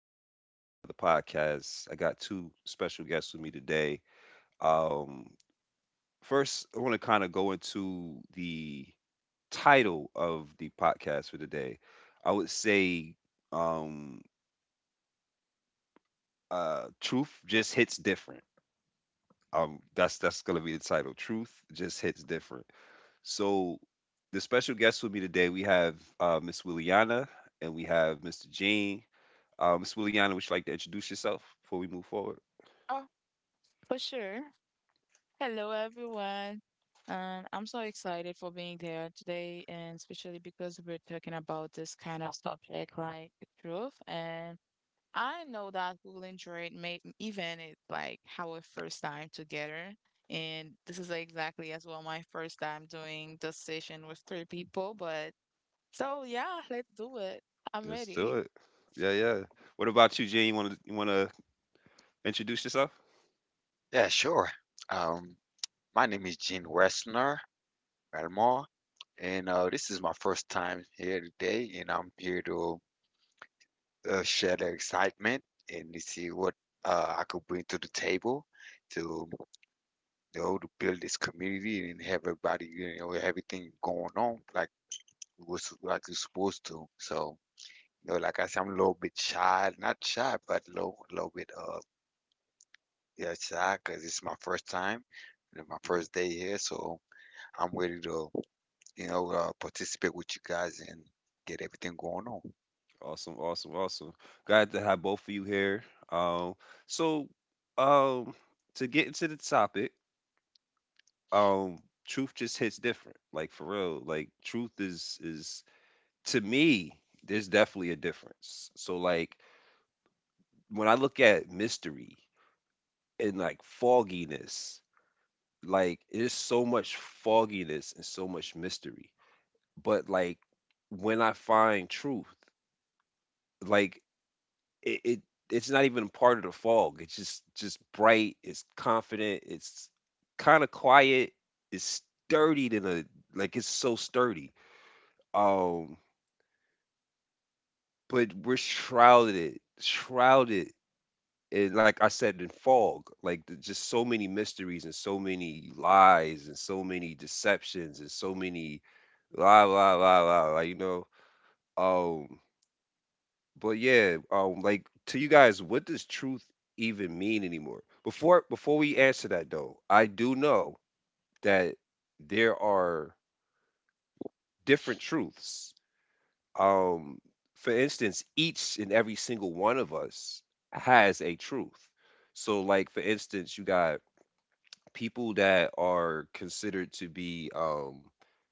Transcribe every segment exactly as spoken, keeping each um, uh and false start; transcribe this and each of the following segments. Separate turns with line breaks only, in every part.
Rico back with another podcast. I got two special guests with me today. Um, First, I want to kind of go into the title of the podcast for today. I would say um, uh, "Truth Just Hits Different." Um, that's that's gonna be the title. "Truth Just Hits Different." So, the special guests with me today, we have uh, Miss Williana and we have mister Gene. Uh, Miss Williana, would you like to introduce yourself before we move forward?
Oh, for sure. Hello, everyone. Um, I'm so excited for being there today, and especially because we're talking about this kind of subject like the truth. And I know that we'll enjoy it, may even it like our first time together. And this is exactly as well my first time doing this session with three people. But so yeah, let's do it. I'm
Let's do
ready.
it. Yeah, yeah. What about you, Gene? You want to you want to introduce yourself?
Yeah, sure. Um, my name is Gene Westner Melmore, and uh, this is my first time here today, and I'm here to uh, share the excitement and to see what uh, I could bring to the table to you know to build this community and have everybody you know everything going on like it was like it's supposed to. So you know, like I said, I'm a little bit shy, not shy, but a little, little bit uh yeah shy because it's my first time, and my
hmm
first day here, so. I'm ready to you know, uh, participate with you guys and get everything going on. I'm
Awesome, awesome, awesome. Glad to have both of you here. Um, so, um, to get into the topic, um, truth just hits different. Like for real, like truth is is to me, there's definitely a difference. So like when I look at
sorry.
mystery and like fogginess, like there's so much fogginess and so much mystery. But, like, when I find truth, like, it it it's not even part of the fog. It's just just bright, it's confident, it's kinda quiet, it's sturdy than a like, it's so sturdy. Um, but we're shrouded shrouded in, like I said, in fog, like, the just so many mysteries and so many lies and so many deceptions and so many la, la, la, la, la, you know? Um But yeah, um, like to you guys, what does truth even mean anymore? Before before we answer that though, I do know that there are different truths. Um, for instance, each and every single one of us has a truth. So, like for instance, you got people that are considered to be um,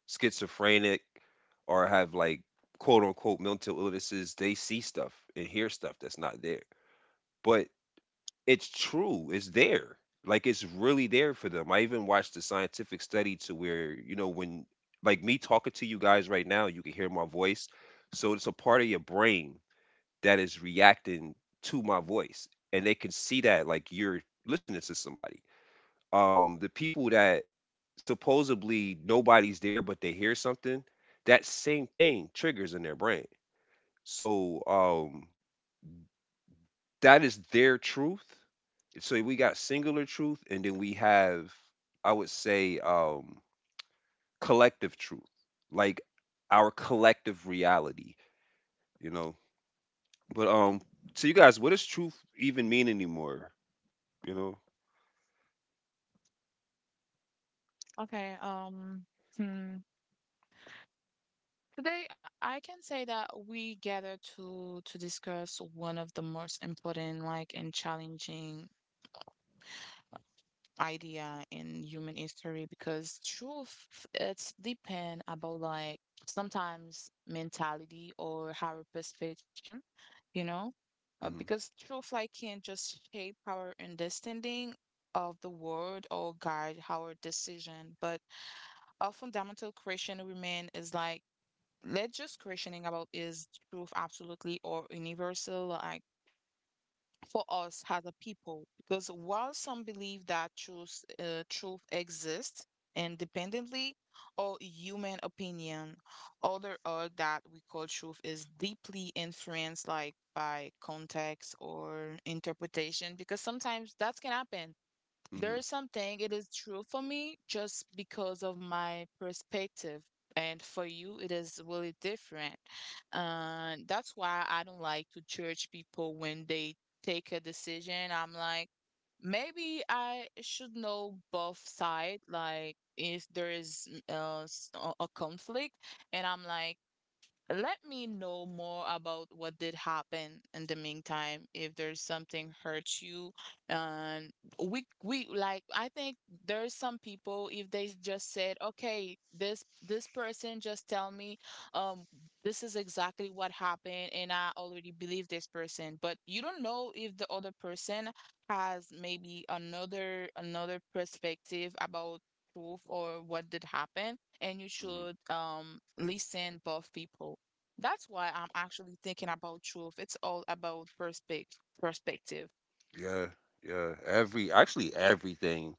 schizophrenic or have like quote unquote mental illnesses. They see stuff and hear stuff that's not there. But it's true. It's there. Like it's really there for them. I even watched a scientific study to where, you know, when like me talking to you guys right now, you can hear my voice. So it's a part of your brain that is reacting to my voice. And they can see that like you're listening to somebody. Um, the people that supposedly nobody's there but they hear something, that same thing triggers in their brain. So um that is their truth. So we got singular truth, and then we have, I would say, um, collective truth, like our collective reality, you know. But um, so you guys, what does truth even mean anymore? You know.
Okay. Um. Today, I can say that we gather to to discuss one of the most important, like, and challenging idea in human history because truth it's depend about like sometimes mentality or our perception, you know, uh,
hmm
because truth like can just shape our understanding of the world or guide our decision, but our fundamental question remain is like let's just questioning about is truth absolutely or universal like for us as a people because while some believe that truth uh, truth exists independently or human opinion other are that we call truth is deeply influenced like by context or interpretation because sometimes that can happen there
hmm
is something it is true for me just because of my perspective. And for you, it is really different. And that's why I don't like to judge people when they take a decision. I'm like, maybe I should know both sides, like if there is uh, s- a a conflict. And I'm like, let me know more about what did happen in the meantime, if there's something hurt you. Um, we we like I think there's some people if they just said, okay, this this person just tell me, um, this is exactly what happened, and I already believe this person, but you don't know if the other person has maybe another another perspective about truth or what did happen and you
hmm
should um listen both people. That's why I'm actually thinking about truth. It's all about perspective perspective.
Yeah, yeah. Every actually everything.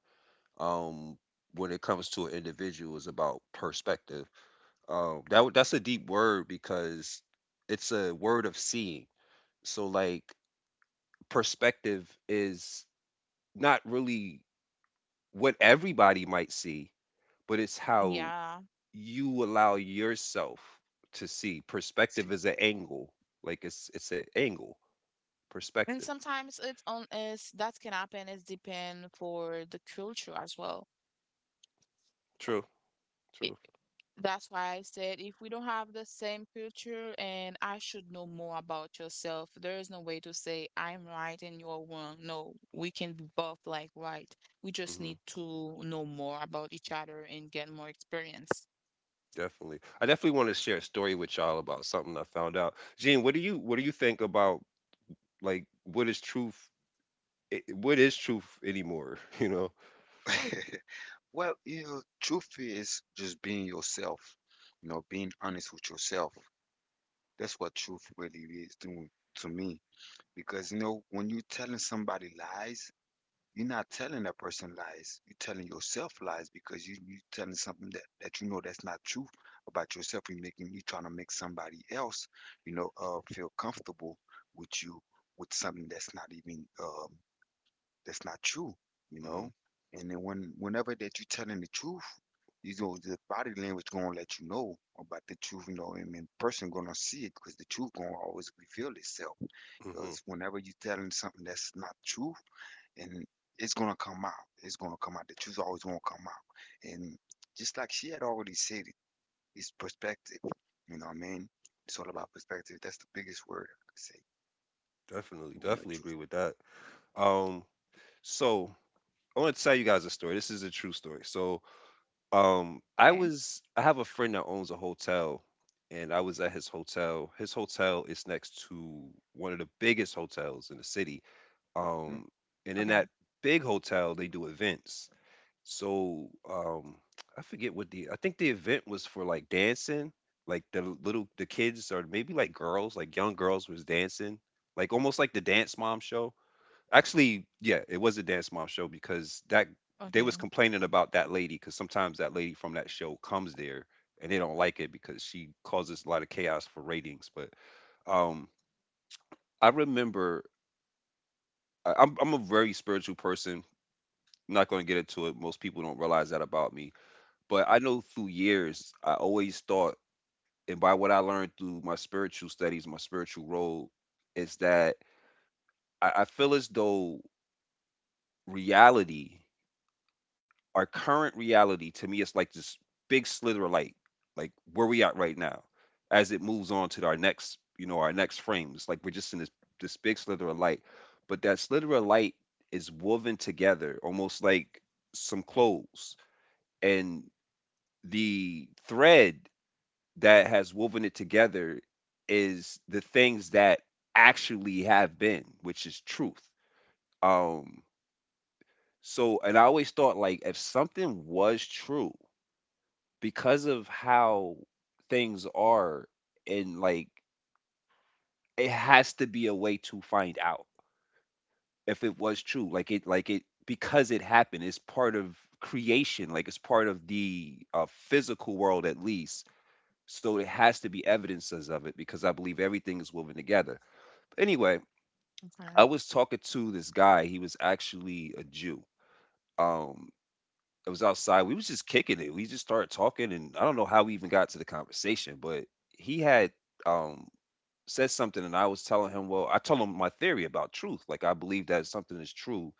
Um, when it comes to an individual is about perspective. Um, that w- that's a deep word because it's a word of seeing. So like perspective is not really what everybody might see, but it's how
Yeah.
you allow yourself to see.
Let's
Perspective
see.
is an angle. Like it's it's an angle.
And
Perspective.
sometimes it's on is that can happen is depend for the culture as well.
True. True.
That's why I said if we don't have the same culture and I should know more about yourself, there is no way to say I'm right and you're wrong. No, we can be both like right. We just
hmm
need to know more about each other and get more experience.
Definitely. I definitely want to share a story with y'all about something I found out. Gene, what do you what do you think about like what is truth? i- What is truth anymore? You know.
Well, you know, truth is just being yourself, you know, being honest with yourself. That's what truth really is to, to me. Because, you know, when you're telling somebody lies, you're not telling that person lies. You're telling yourself lies because you, you're telling something that, that you know that's not true about yourself. You're making, you trying to make somebody else, you know, uh, feel comfortable with you with something that's not even um, that's not true, you
hmm
know. And then when whenever that you're telling the truth, you know the body language gonna let you know about the truth, you know, and then person gonna see it because the truth gonna always reveal itself.
hmm
Because whenever you are telling something that's not true, and it's gonna come out, it's gonna come out. The truth always gonna come out. And just like she had already said it, it's perspective. You know what I mean? It's all
hmm
about perspective. That's the biggest word I could say.
Definitely.
You want the
Definitely
truth.
agree with that. Um. So I want to tell you guys a story. This is a true story. So, um, I
Okay.
was I have a friend that owns a hotel, and I was at his hotel. His hotel is next to one of the biggest hotels in the city.
Mm.
Um, and
Okay.
in that big hotel, they do events. So, um, I forget what the I think the event was for like dancing, like the little the kids or maybe like girls, like young girls was dancing, like almost like the Dance Mom show. Actually, yeah, it was a Dance Mom show because that they was
Okay.
complaining about that lady because sometimes that lady from that show comes there and they don't like it because she causes a lot of chaos for ratings. But um, I remember I, I'm I'm a very spiritual person. I'm not going to get into it. Most people don't realize that about me. But I know through years, I always thought, and by what I learned through my spiritual studies, my spiritual role, is that I, I feel as though reality, our current reality to me it's like this big slither of light, like where we at right now, as it moves on to our next, you know, our next frame. It's like we're just in this this big slither of light, but that slither of light is woven together almost like some clothes, and the thread that has woven it together is the things that actually have been, which is truth. Um, so, and I always thought like if something was true because of how things are and like it has to be a way to find out if it was true. Like it like it because it happened, it's part of creation, like it's part of the uh, physical world at least. So it has to be evidences of it because I believe everything is woven together. Anyway, I was
Okay.
talking to this guy. He was actually a Jew. Um, it was outside. We was just kicking it. We just started talking, and I don't know how we even got to the conversation, but he had um said something and I was telling him, well, I told him my theory about truth. Like I believe that something is true.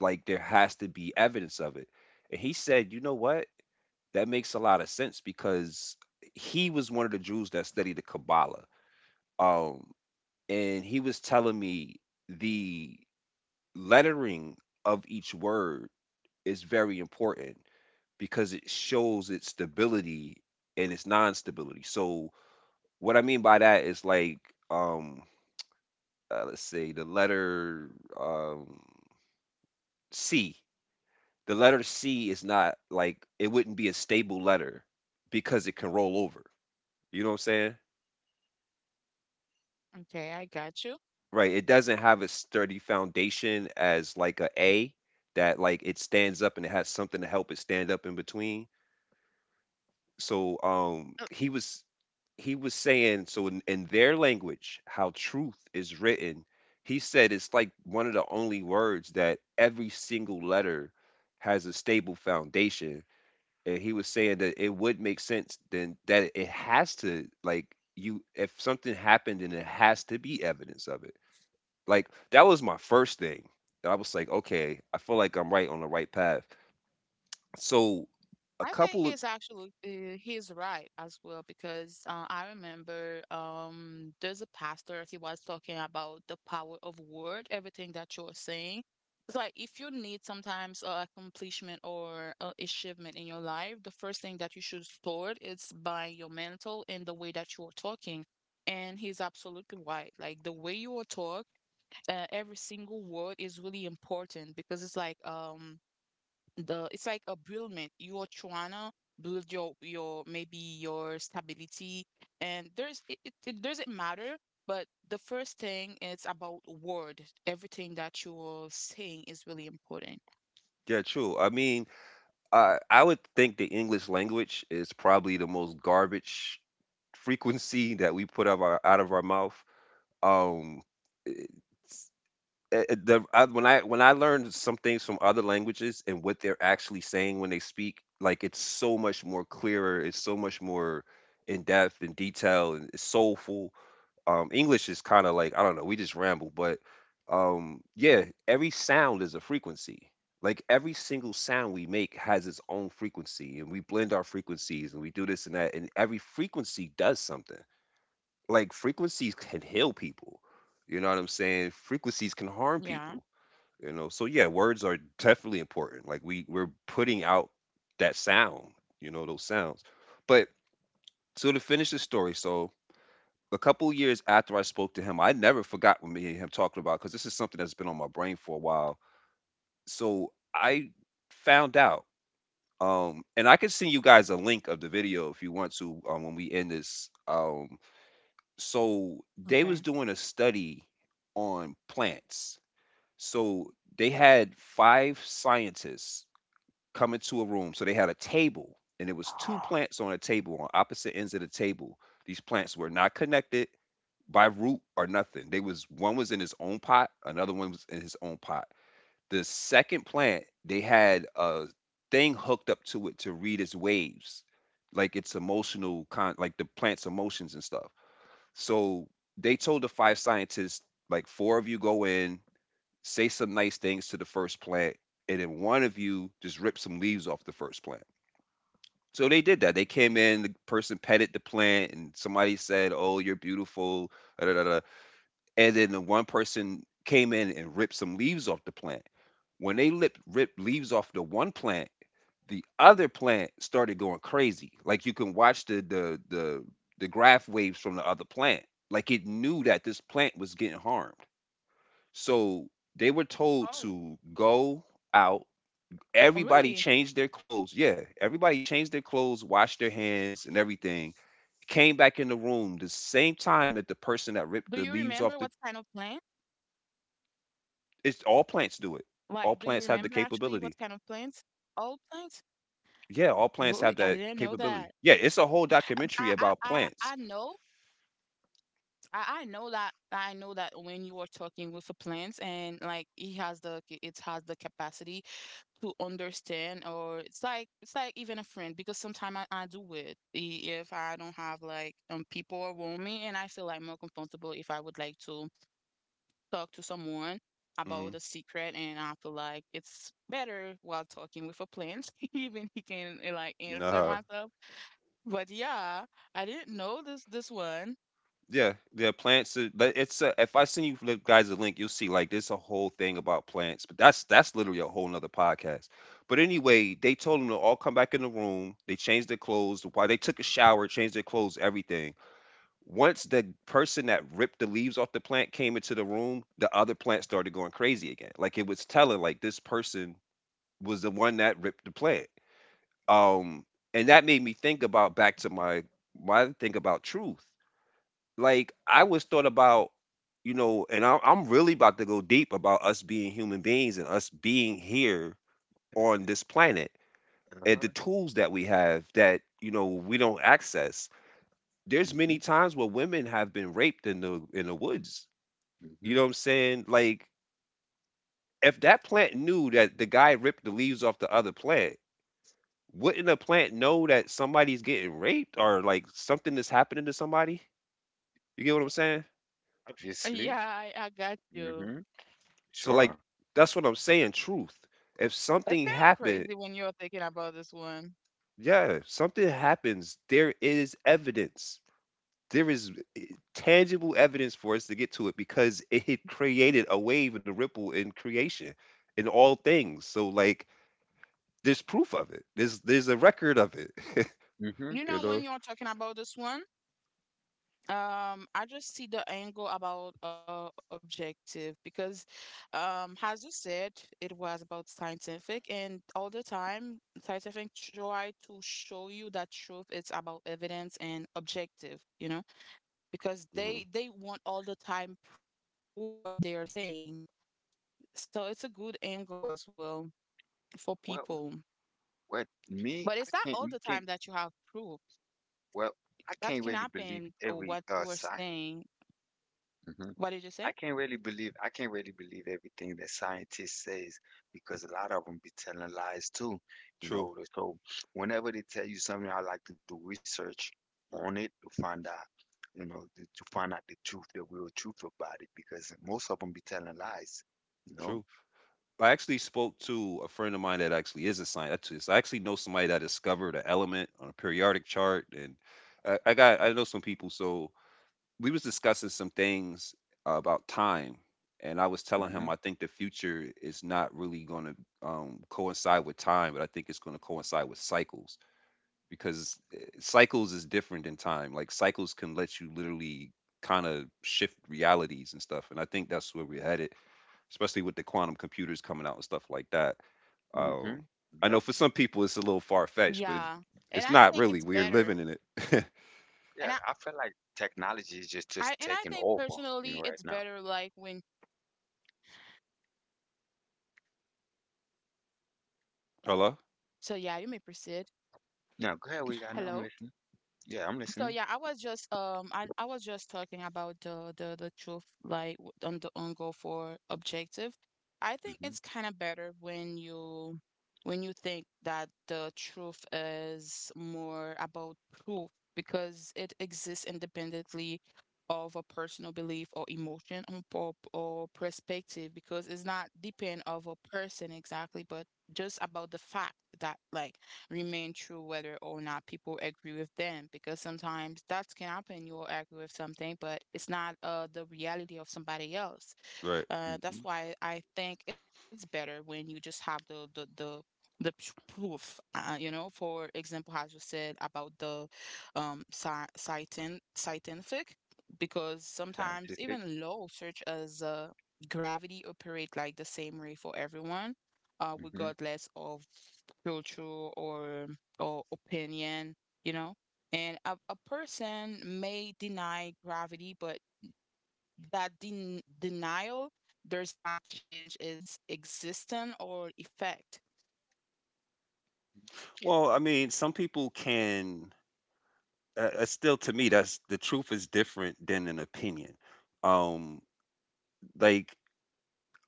Like there has to be evidence of it. And he said, you know what? That makes a lot of sense because he was one of the Jews that studied the Kabbalah. Um, and he was telling me the lettering of each word is very important because it shows its stability and its non-stability. So what I mean by that is like um uh, let's see, the letter um, C. The letter C is not like it wouldn't be a stable letter because it can roll over. You know what I'm saying?
Okay. I got you.
Right. It doesn't have a sturdy foundation as like a A that like it stands up and it has something to help it stand up in between. So um he was he was saying so in, in their language how truth is written, he said it's like one of the only words that every single letter has a stable foundation, and he was saying that it would make sense then that it has to like, you if something happened then it has to be evidence of it. Like that was my first thing. I was like, okay, I feel like I'm right on the right path. So a
I think
couple of
he's actually uh, he's right as well because uh, I remember um there's a pastor he was talking about the power of word, everything that you're saying. It's like if you need sometimes a accomplishment or a achievement in your life, the first thing that you should start is by your mental and the way that you're talking. And he's absolutely right. Like the way you will talk, uh, every single word is really important because it's like um the it's like a buildment. You're trying to build your your maybe your stability, and there's it, it, it doesn't matter. But the first thing is about word. Everything that you're saying is really important.
yeah true I mean I I would think the English language is probably the most garbage frequency that we put out of our out of our mouth. Um, it's- eh, eh, the, I, when I when I learned some things from other languages and what they're actually saying when they speak, like it's so much more clearer. It's so much more in depth and detail and it's soulful. um, English is kind of like I don't know, we just ramble, but um, yeah, every sound is a frequency. Like every single sound we make has its own frequency, and we blend our frequencies and we do this and that, and every frequency does something. Like frequencies can heal people. You know what I'm saying? Frequencies can harm
Yeah.
people. You know, so yeah, words are definitely important. Like we we're putting out that sound, you know, those sounds. But so to finish the story, so a couple years after I spoke to him, I never forgot what me and him talking about because this is something that's been on my brain for a while. So I found out, um, and I can send you guys a link of the video if you want to um, when we end this. Um, so they was
Okay.
doing a study on plants. So they had five scientists come into a room. So they had a table, and it was two plants on a table on opposite ends of the table. These plants were not connected by root or nothing. They was one was in his own pot, another one was in his own pot. The second plant, they had a thing hooked up to it to read its waves, like its emotional con like the plant's emotions and stuff. So they told the five scientists, like four of you go in, say some nice things to the first plant, and then one of you just rip some leaves off the first plant. So they did that. They came
Okay.
in, the person petted the plant, and somebody said, "Oh, you're beautiful. Da, da, da," and then the one person came in and ripped some leaves off the plant. When they lip, ripped leaves off the one plant, the other plant started going crazy. Like you can watch the the the the graph waves from the other plant. Like it knew that this plant
Oh,
was getting harmed. So they
oh,
were
really?
told to go out. Everybody changed their clothes. Yeah, everybody changed their clothes, washed their hands, and everything. Came back in the
Do
room the
you
same
remember what
time that the
kind of
person that
plant?
ripped the leaves off the. It's
Like, do
all
you
plants
remember
do it.
actually
All
what kind
plants
of
have the
plants?
capability.
All plants? Really? I
Yeah,
didn't
all
know
plants have
that.
that capability. Yeah,
Um,
it's a
I
whole
I I,
documentary
I
about
know
plants.
I, I know that I know that when you are talking with a plant and like he has the ca- it has the capacity to understand or it's like it's like even a friend because sometimes I, I do it i- if I don't have like um people around me and I feel like more comfortable if I would like to talk to someone about
Mm,
a secret and I feel like it's better while talking with a plant even he can eh, like answer
nah.
myself but yeah I didn't know this this one.
Yeah, yeah, plants. are- But it's a, if I send you li- guys a link, you'll see like there's a whole thing about plants. But that's that's literally a whole nother podcast. But anyway, they told them to all come back in the room. They changed their clothes. While they took a shower, changed their clothes, everything. Once the person that ripped the leaves off the plant came into the room, the other plant started going crazy again. Like, it was telling, like, this person was the one that ripped the plant. Um, and that made me think about back to my my think about truth. Like, I was thought about, you know, and I, I'm really about to go deep about us being human beings and us being here on this planet and the
Uh-huh.
tools that we have that you know we don't access. There's
Mm-hmm.
many times where women have been raped in the in the woods.
Mm-hmm.
You know what I'm saying? Like, if that plant knew that the guy ripped the leaves off the other plant, wouldn't a plant know that somebody's getting raped or like something is happening to somebody? You get what I'm saying?
Yeah,
Obviously.
I, I got you.
Mhm.
So like
Sure.
that's what I'm saying, truth. If
That's
something
kind of
happened,
crazy when you're thinking about this one.
yeah, something happens, there is evidence. There is eh, tangible evidence for us to get to it because it created a wave and a ripple in creation in all things. So like there's proof of it. There's there's a record of it.
Mhm.
You
You
know, when
know?
you're talking about this one, um, I just see the angle about uh objective because, um, as you said, it was about scientific, and all the time, scientific try to show you that truth. It's about evidence and objective, you know, because
Hmm.
they they want all the time prove what they are saying. So it's a good angle as well for
Well,
people.
what me,
But
I
it's not
can't.
all
We
the
can't.
time that you have proof.
Well, I
That
can't
can
really believe
happen, or
every
what you
uh
were
science.
saying.
Hmm.
What did you say?
I can't really believe. I can't really believe everything that scientists says because a lot of them be telling lies too. You
True,
know. So whenever they tell you something, I like to do research on it to find out. You know, to, to find out the truth, the real truth about it, because most of them be telling lies. You know.
true. I actually spoke to a friend of mine that actually is a scientist. I actually know somebody that discovered an element on a periodic chart, and I, I got I know some people. So we was discussing some things about time, and I was telling him
Mhm.
I think the future is not really going to um, coincide with time, but I think it's going to coincide with cycles because eh, cycles is different than time. Like cycles can let you literally kind of shift realities and stuff, and I think that's where we're headed especially with the quantum computers coming out and stuff like that. Um,
Mhm.
I know for some people it's a
Yeah.
little far
And I
fetched,
think
but
it's
it's
better.
it's not really. We're living in
And I,
it.
Yeah, I feel like
I and I
technology is
think
just just
personally
taking
it's
over,
better
you know,
like
right
when
now.
so
Hello.
yeah, you may proceed.
Now, go ahead, we
Hello?
got. Now I'm listening.
So
Yeah, I'm
yeah, I
listening.
was just um I, I was just talking about the the the truth like w- on the on goal for objective. I think it's
Mhm,
kind of better when you when you think that the truth is more about proof because it exists independently of a personal belief or emotion or, or, or perspective because it's not depend of a person exactly, but just about the fact that like remain true whether or not people agree with them because sometimes that can happen you will agree with something but it's not uh, the reality of somebody else
Right.
uh, that's
mhm.
why I think it's better when you just have the the, the the p- proof, uh, you know, for example, as you said about the um sci- scientin- scientific, because sometimes
Scientific.
even low search as uh, gravity operate like the same way for everyone, uh,
Mhm,
regardless of culture or or opinion, you know. And a, a person may deny gravity, but that den- denial does not change its existence or effect.
Well, I mean, some people can. Uh, uh, still, to me, that's the truth is different than an opinion. Um, like,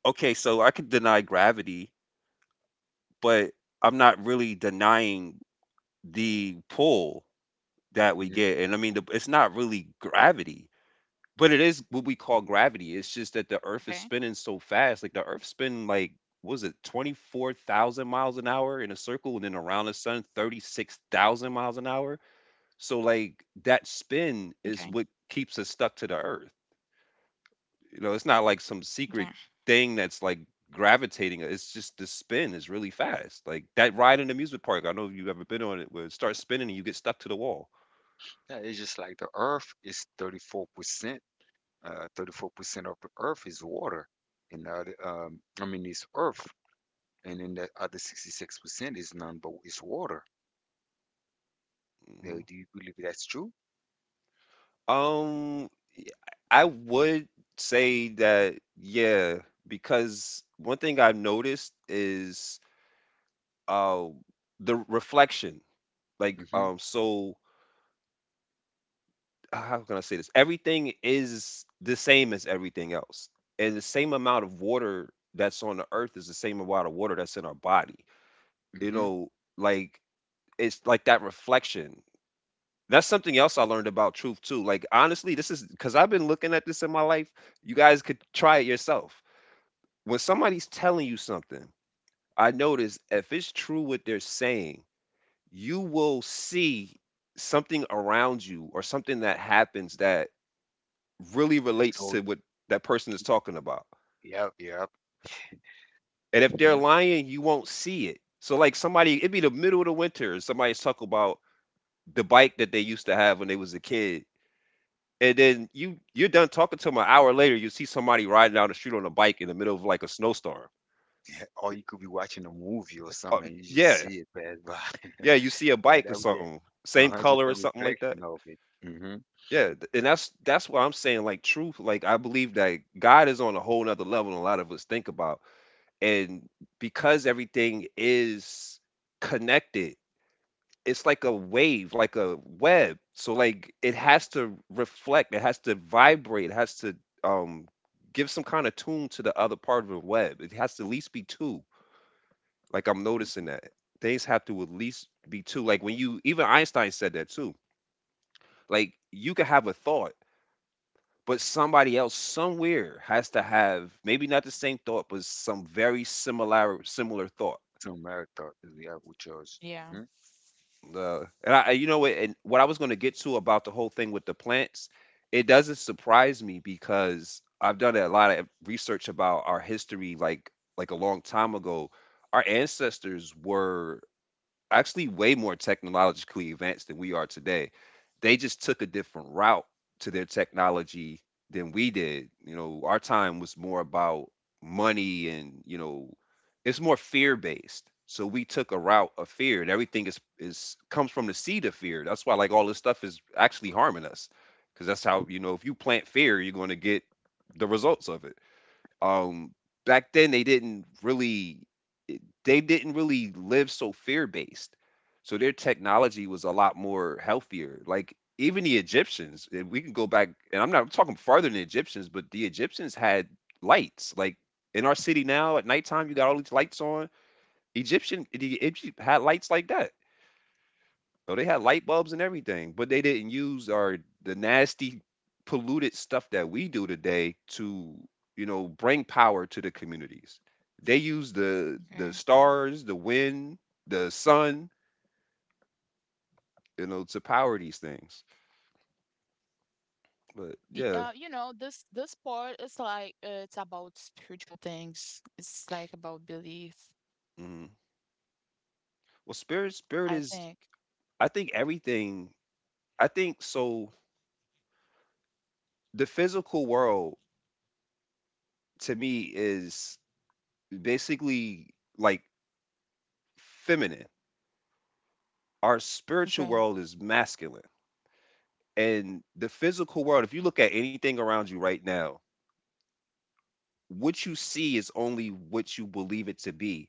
okay, so I could deny gravity, but I'm not really denying the pull that we
mhm.
get. And I mean, the, it's not really gravity. But it is what we call
Okay.
gravity. It's just that the Earth is spinning so fast. Like the Earth's spinning like what was it twenty-four thousand miles an hour in a circle and then around the sun thirty-six thousand miles an hour. So like that
Okay.
spin is what keeps us stuck to the earth. You know, it's not like
Okay.
some secret thing that's like gravitating. It's just the spin is really fast. Like that ride in the amusement park. I don't know if you've ever been on it where it starts spinning and you get stuck to the wall.
Yeah, it's just like the Earth is thirty-four percent. Uh, thirty-four percent of the Earth is water, and the other, um, I mean, it's Earth, and then the other sixty-six percent is none but is water. Now,
Hmm.
do you believe that's true?
Um, I would say that, yeah, because one thing I've noticed is um, the reflection. Like,
Mhm,
um, so how can I say this? Everything is the same as everything else, and the same amount of water that's on the earth is the same amount of water that's in our body. You
mhm.
know, like it's like that reflection. That's something else I learned about truth too. Like honestly, this is because I've been looking at this in my life. You guys could try it yourself when somebody's telling you something, I notice if it's true what they're saying, you will see something around you or something that happens that really relates
So
to what that person is
yeah,
talking about.
yeah,
And if they're
yeah.
lying, you won't see it. So like somebody, it'd be the middle of the winter, and somebody's talking about the bike that they used to have when they was a kid. And then you you're done talking to them an hour later, you see somebody riding down the street on a bike in the middle of like a snowstorm.
Or you could be watching a movie or
Uh,
something, and you just
yeah,
see it pass by.
Yeah, you see a
Yeah,
bike or
that was it.
something, same
Uh-huh, just
color
a
or something like that.
reflection of it. Mm-hmm.
Yeah, th- and that's that's what I'm saying. Like truth, like I believe that God is on a whole nother level than a lot of us think about. And because everything is connected, it's like a wave, like a web. So like it has to reflect, it has to vibrate, it has to um give some kind of tune to the other part of the web. It has to at least be two. Like I'm noticing
Hmm.
that. Things have to at least be two. Like when you even Einstein said that too. Like, you could have a thought, but somebody else somewhere has to have maybe not the same thought, but some very similar similar thought.
So marathon, yeah, with yours. Hmm.
Yeah.
Uh, and I, you know what, and what I was going to get to about the whole thing with the plants, it doesn't surprise me because I've done a lot of research about our history, like like a long time ago. Our ancestors were actually way more technologically advanced than we are today. They just took a different route to their technology than we did. You know, our time was more about money and, you know, it's more fear based. So we took a route of fear and everything is is comes from the seed of fear. That's why like all this stuff is actually harming us. Cause that's how, you know, if you plant fear, you're gonna get the results of it. Um back then they didn't really they didn't really live so fear-based, so their technology was a lot more healthier, like, even the Egyptians, if we can go back and I'm not I'm talking farther than the Egyptians, but the Egyptians had lights, like, in our city now at nighttime, you got all these lights on. Egyptian the Egypt had lights like that. Oh, they had light bulbs and everything, but they didn't use our the nasty, polluted stuff that we do today to, you know, bring power to the communities. They use the the
Okay.
stars, the wind, the sun, you know, to power these things. But
Y-
yeah,
Uh, you know, this this part is like uh, it's about spiritual things. It's like about belief,
mhm. Well, spirit, spirit
I
is.
think.
I think everything. I think so. The physical world to me is basically like feminine. Our spiritual world
Okay.
is masculine. And the physical world, if you look at anything around you right now, what you see is only what you believe it to be.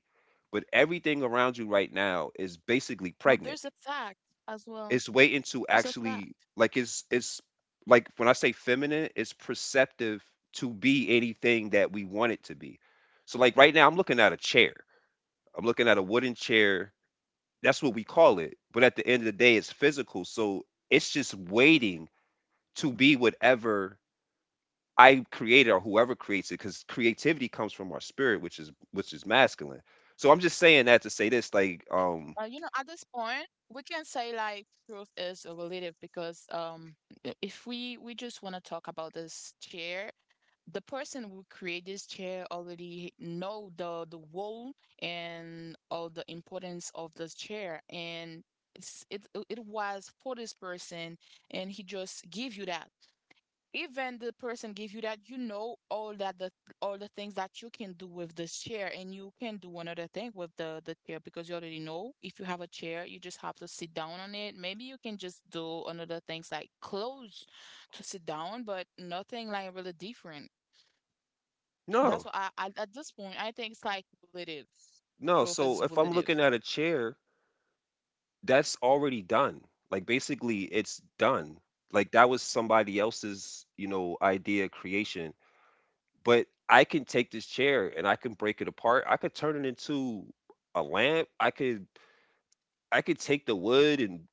But everything around you right now is basically
But
pregnant.
there's a fact as
It's
well.
waiting to
There's a
actually
fact.
like it's it's like when I say feminine, it's perceptive to be anything that we want it to be. So like right now I'm looking at a chair. I'm looking at a wooden chair. That's what we call it. But at the end of the day, it's physical. So it's just waiting to be whatever I created or whoever creates it, because creativity comes from our spirit, which is which is masculine. So I'm just saying that to say this,
Uh, you know,
like,
at this
um,
point, we can say like truth is a relative because um, i- if we we just want to talk about this chair, the person who created this chair already know the the role and all the importance of this chair, and it's it it was for this person, and he just give you that even the person give you that you know all that the all the things that you can do with this chair and you can do another thing with the the chair because you already know if you have a chair you just have to sit down on it maybe you can just do another things like clothes to sit down but nothing like really different. That's
no,
what I, I at this point I think it's like relative,
no.
truth
So
is
if I'm looking
relative.
at a chair, that's already done. Like basically, it's done. Like that was somebody else's, you know, idea creation. But I can take this chair and I can break it apart. I could turn it into a lamp. I could I could take the wood and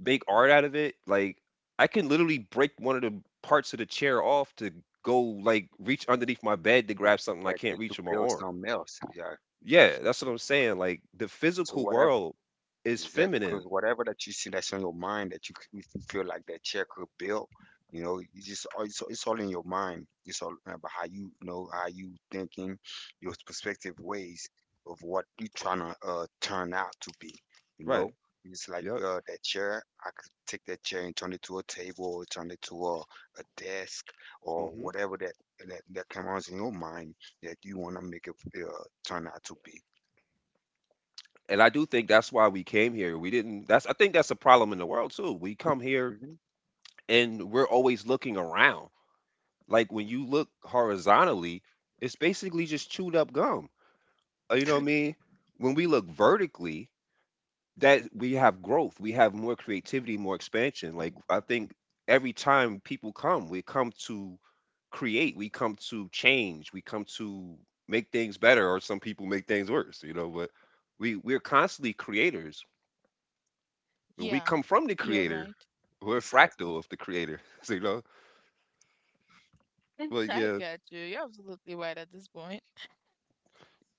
make art out of it. Like I can literally break one of the parts of the chair off to go like reach underneath my bed to grab something I
Yeah,
can't
just
reach
to
with my
build
arm.
something else. Yeah.
Yeah, that's what I'm saying. Like the
So
physical
whatever.
world is
Exactly, because
feminine,
whatever that you see that's on your mind that you, c- if you feel like that chair could build, you know, you just all- it's, all- it's all in your mind. It's all about how you, you know how you thinking, your perspective ways of what you trying to uh, turn out to be. You
right?
know, it's like
Yep.
uh, that chair. I could take that chair and turn it to a table, or turn it to a, a desk, or
Hmm.
whatever that that that comes in your mind that you want to make it uh, turn out to be.
And I do think that's why we came here. We didn't. That's I think that's a problem in the world too. We come here
Hmm.
and we're always looking around. Like when you look horizontally, it's basically just chewed up gum. Uh, You know what I mean? When we look vertically, that we have growth, we have more creativity, more expansion. Like I think every time people come, we come to create, we come to change, we come to make things better, or some people make things worse, you know. But we we're constantly creators. We
Yeah,
come from the
you're
creator.
right.
We're a
Exactly.
fractal of the creator, so, you know. But
I
yeah,
got you, you're absolutely right at this point.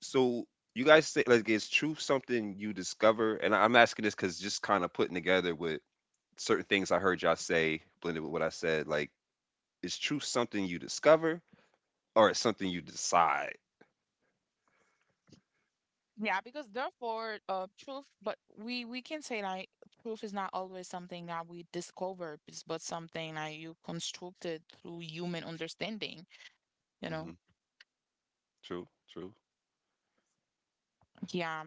so you guys say like is truth something you discover? And I- I'm asking this because just kind of putting together with certain things I heard y'all say blended with what I said, like, is truth something you discover or it's something you decide?
Yeah, because therefore, uh, truth, but we we can say like truth is not always something that we discovered, bus- but something that you constructed through human understanding, you know?
Hmm True, true.
Yeah.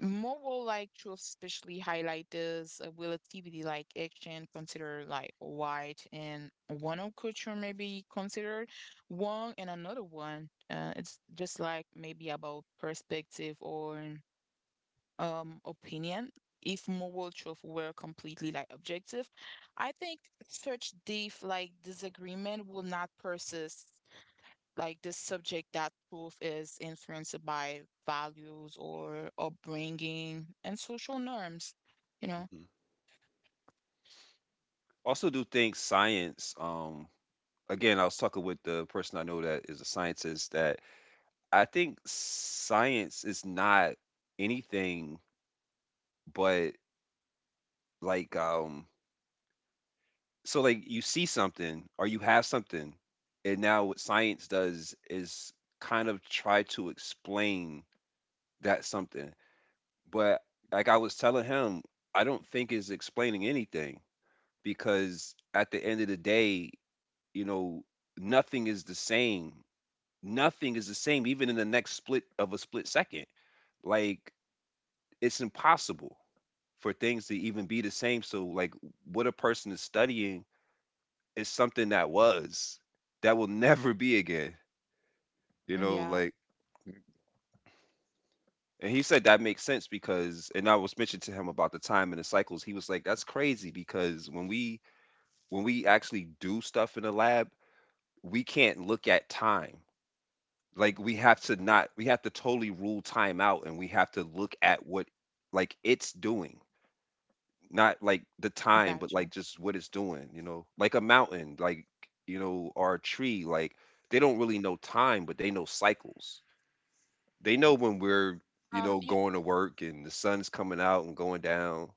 Moral like truth especially highlight this uh, relativity like action considered like right and one of culture may be considered wrong and another one. Uh, it's just like maybe about perspective or um opinion if moral truth were completely like objective I think such deep like disagreement will not persist like the subject that truth is influenced by values or upbringing and social norms, you know.
Hmm Also, do think science. Um, again, I was talking with the person I know that is a scientist. That I think science is not anything but like um. So like you see something or you have something, and now what science does is kind of try to explain that something. But like I was telling him, I don't think it's explaining anything because at the end of the day, you know, nothing is the same. Nothing is the same, even in the next split of a split second. Like it's impossible for things to even be the same. So like what a person is studying is something that was that will never be again. You know, like
Yeah,
Mm-hmm.
and he said that makes sense because, and I was mentioning to him about the time and the cycles. He was like, "That's crazy because when we when we actually do stuff in the lab, we can't look at time. Like we have to not we have to totally rule time out, and we have to look at what like it's doing." Not like the time, but like
I
just what
gotcha.
it's doing, you know. Like a mountain, like you know, or a tree, like they don't really know time, but they know cycles. They know when we're, you know,
um you,
going to work and the sun's coming out and going down.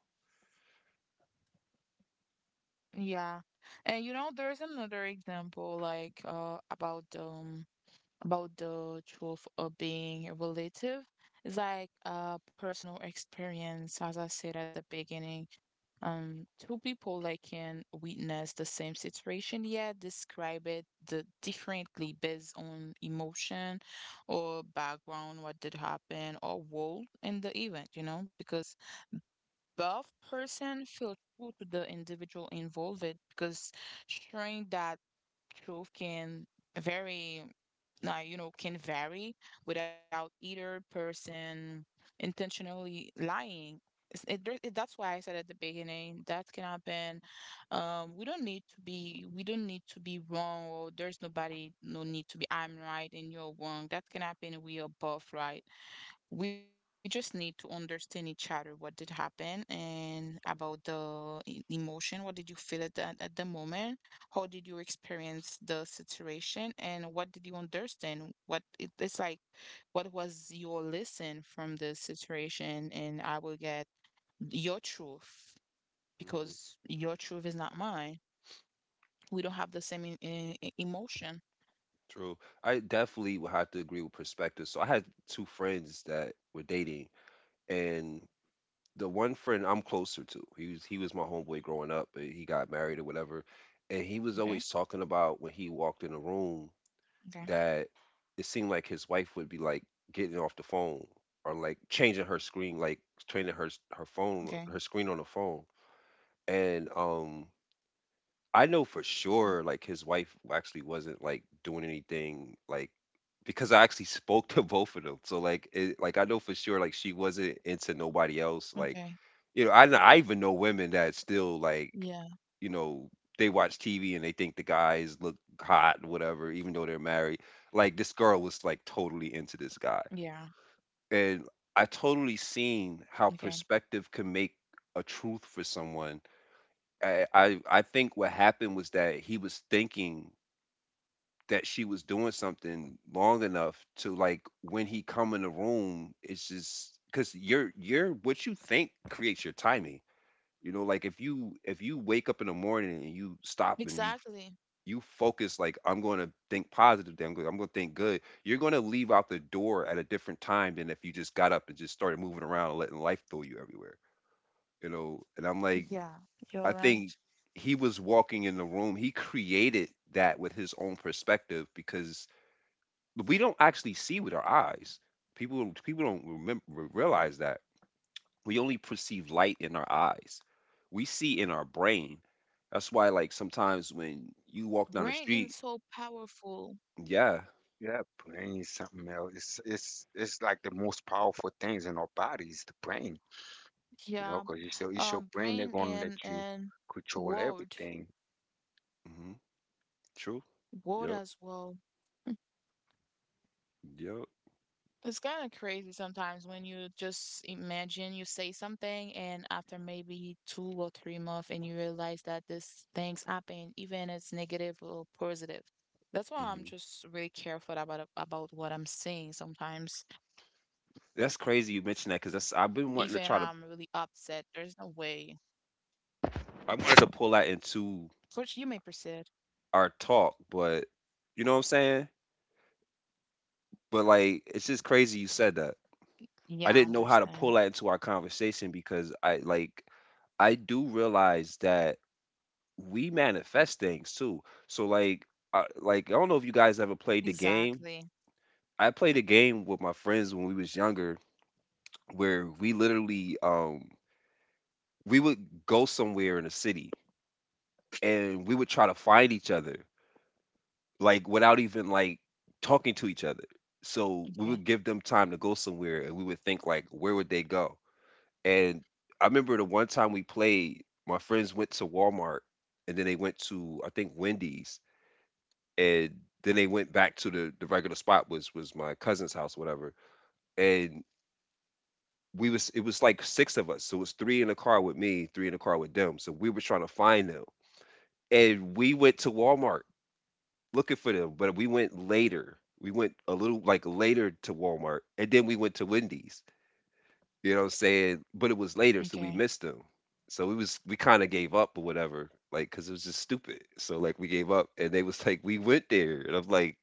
yeah and you know there's another example like uh about um about the truth of being relative. It's like a personal experience, as I said at the beginning. Um, two people like can witness the same situation, yet describe it the differently based on emotion or background, what did happen, or role in the event, you know, because buff person feel true to the individual involved because showing that truth can very uh, you know can vary without either person intentionally lying. It's- it, there- it- that's why I said at the beginning that can happen um we don't need to be we don't need to be wrong or there's nobody no need to be I'm right and you're wrong that can happen we are both right, we just need to understand each other what did happen and about the e- emotion what did you feel at that at the moment, how did you experience the situation and what did you understand what it, it's like what was your lesson from the situation and I will get your truth
Hmm
because your truth is not mine. We don't have the same in, in, in- emotion.
True. I definitely would have to agree with perspective. So I had two friends that were dating, and the one friend I'm closer to, he was he was my homeboy growing up. But he
Okay.
got married or whatever, and he was always talking about when
Okay.
he walked in the room, that it seemed like his wife would be like getting off the phone or like changing her screen, like
Okay.
changing her her phone, her screen on the phone. And um,
Mm,
I know for sure like his wife actually wasn't like doing anything, like because I actually spoke to both of them. So like it, like I know for sure like she wasn't
okay.
into nobody else like, you know, I kn- I even know women
Yeah.
that still like, you know, they watch T V and they think the guys look hot and whatever, even though they're married. Like this girl was like totally
Yeah.
into this guy, and I totally
Okay.
seen how perspective can make a truth for someone. I I, I think what happened was that he was thinking that she was doing something long enough to like when he come in the room, it's just because you're you're what you think creates your timing. You know, like if you if you wake up in the morning and you stop and you
Exactly.
you focus like, "I'm going to think positive, then I'm going, I'm going to think good." You're going to leave out the door at a different time than if you just got up and just started moving around and letting life throw you everywhere. You know, and I'm like,
Yeah, you're
I
right.
think he was walking in the room. He created that with his own perspective because we don't actually see with our eyes. People people don't remember, realize that we only perceive light in our eyes. We see in our brain. That's why, like, sometimes when you walk down the
Brain is
street,
so powerful.
yeah.
Yeah, brain is something else. It's it's it's like the most powerful things in our body is the brain. You know,
Yeah,
because it's your it's your
um,
brain they're
brain
gonna let
and
you
and
control
word,
everything.
hmm true.
word
Yep,
as well.
yep.
It's kind of crazy sometimes when you just imagine you say something and after maybe two or three months and you realize that this things happen, even it's negative or positive. That's why I'm
hmm
just really careful about about what I'm saying sometimes. Even I'm
That's
really
crazy you mentioned
upset,
that because
there's
that's
no
I've been wanting
way.
to try to,
Coach, you may
I wanted to
proceed.
pull that into our talk, but you know what I'm saying? But like, it's just
Yeah, I
crazy you said that.
understand.
I didn't know how to pull that into our conversation because I like, I do realize that we manifest things too. So like, I, like I don't know if you guys
Exactly.
ever played the game. I played a game with my friends when we was younger, where we literally um we would go somewhere in a city and we would try to find each other, like without even like
Okay.
talking to each other. So we would give them time to go somewhere, and we would think like, where would they go? And I remember the one time we played, my friends went to Walmart, and then they went to, I think, Wendy's, and then they went back to the the regular spot was was my cousin's house, whatever. And we was, it was like six of us, so it was three in the car with me, three in the car with them. So we were trying to find them, and we went to Walmart looking for them, but we went later, we went a little like later to Walmart, and then we went to Wendy's, you know what I'm saying, but it
Okay.
was later, so we missed them. So we was, we kind of gave up or whatever, like because it was just stupid. So like we gave up, and they was like, we went there, and I'm like,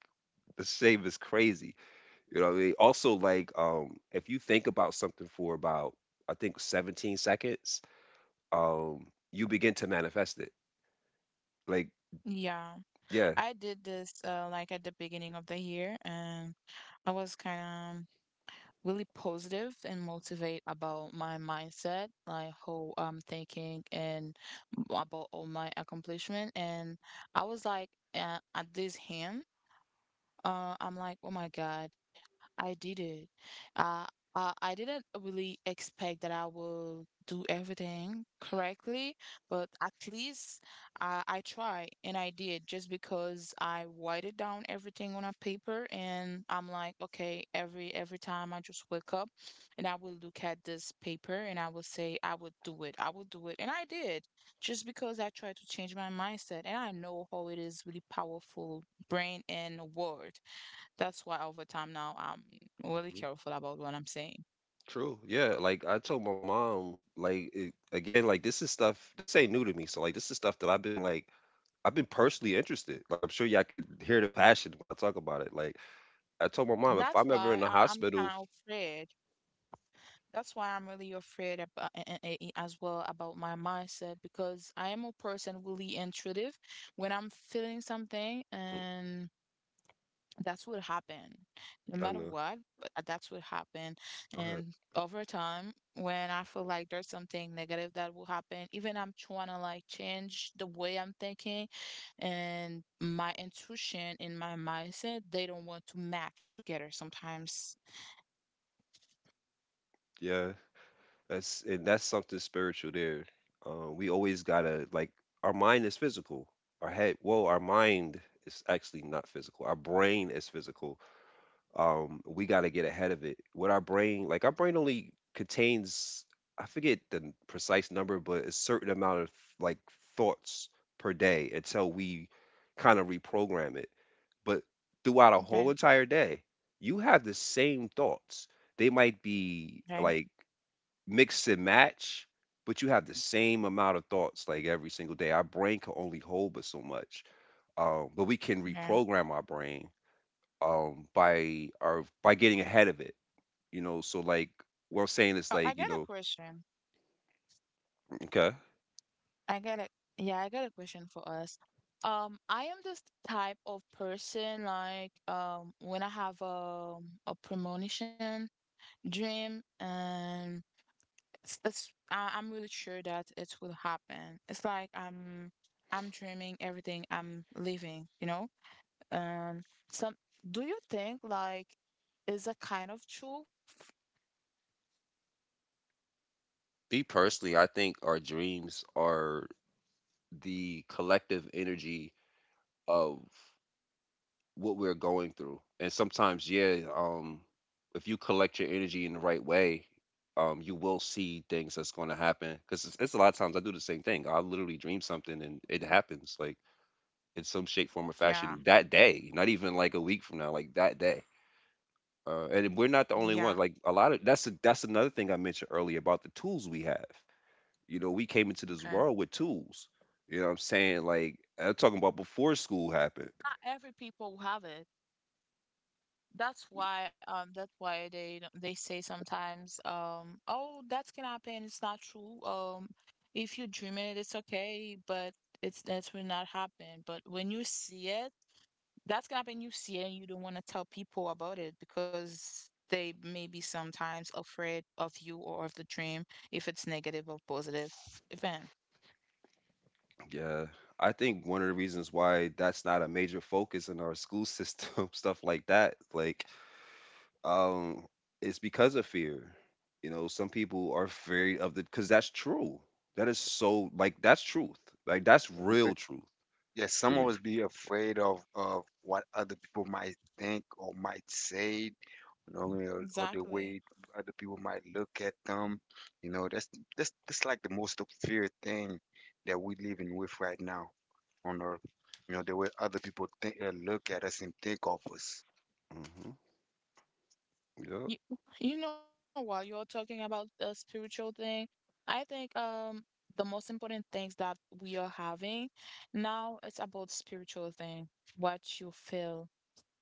the shame is crazy. You know what I mean? Also, like, um, if you think about something for about, I think, seventeen seconds, um, you begin to manifest it. Like,
Yeah.
yeah.
I did this uh like at the beginning of the year and I was kind of really positive and motivate about my mindset, like how I'm thinking and about all my accomplishment and I was like uh, at this hand. Uh, I'm like, oh my God, I did it. Uh, uh, I didn't really expect that I will do everything correctly, but at least uh, I try and I did just because I whited down everything on a paper and I'm like, okay, every every time I just wake up and I will look at this paper and I will say, I will do it, I will do it, and I did just because I tried to change my mindset and I know how it is really powerful brain and word. That's why over time now I'm really
Mhm.
careful about what I'm saying.
True. Yeah. Like, I told my mom, like, it, again, like, this is stuff, this ain't new to me. So, like, this is stuff that I've been, like, I've been personally interested. Like, I'm sure y'all could hear the passion when I talk about it. Like, I told my mom, if
That's
I'm ever in
why
the
I, I'm
hospital,
kind of afraid. That's why I'm really afraid about, as well about my mindset, because I am a person really intuitive. When I'm feeling something
mm,
and that's what happened. No
I
matter
know.
what, but uh, that's what happened.
Go ahead.
And over time, when I feel like there's something negative that will happen, even I'm trying to like change the way I'm thinking and my intuition and my mindset, they don't want to match together sometimes.
Yeah. That's, and that's something spiritual there. Uh, we always gotta like, our mind is physical. Our head, well, our mind is actually not physical. Our brain is physical. Um, we gotta get ahead of it. What our brain, like our brain, only contains, I forget the precise number, but a certain amount of like thoughts per day until we kind of reprogram it. But throughout a whole
Okay.
entire day, you have the same thoughts. They might be
Okay.
like mix and match, but you have the
Mhm.
same amount of thoughts, like, every single day. Our brain can only hold but so much, um, but we can
Okay.
reprogram our brain, um, by our by getting ahead of it, you know? So, like, what I'm
Oh,
saying
I
is,
got a
like, you know.
question.
Okay.
I got a, yeah, I got a question for us. Um, I am this type of person like um when I have a a premonition dream and it's, it's I, I'm really sure that it will happen. It's like I'm I'm dreaming everything I'm living, you know? Um some Do you think like is a kind of truth?
Me personally, I think our dreams are the collective energy of what we're going through. And sometimes, yeah, um, if you collect your energy in the right way, um, you will see things that's going to happen. Because it's, it's a lot of times I do the same thing. I literally dream something and it happens, like in some shape, form, or
Yeah,
fashion that day. Not even like a week from now, like that day. Uh, and we're not the
yeah,
only ones. Like a lot of that's a, that's another thing I mentioned earlier about the tools we have. You know, we came into
okay.
this world with tools. You know what I'm saying? Like I'm talking about before school happened.
Not every people will have it. That's why um that's why they don't- they say sometimes um oh that can happen, it's not true, um if you dream it it's okay, but it's that will not happen. But when you see it, that's gonna happen. You see it and you don't want to tell people about it because they may be sometimes afraid of you or of the dream if it's negative or positive event.
Yeah, I think one of the reasons why that's not a major focus in our school system, stuff like that, like, um, it's because of fear. You know, some people are afraid of the, because that's true. That is so, like, that's truth. Like, that's
Yeah. Because,
real truth
yeah,
to
some of
me.
us be afraid of of what other people might think or might say, you know, or, or the way
Exactly.
other people might look at them. You know, that's that's that's like the most of fear thing that we're living with right now on Earth. You know, the way other people think, uh, look at us and think of us.
Hmm Yep,
You, you know, what you're talking about the spiritual thing, I think um the most important things that we are having now is about spiritual thing, what you feel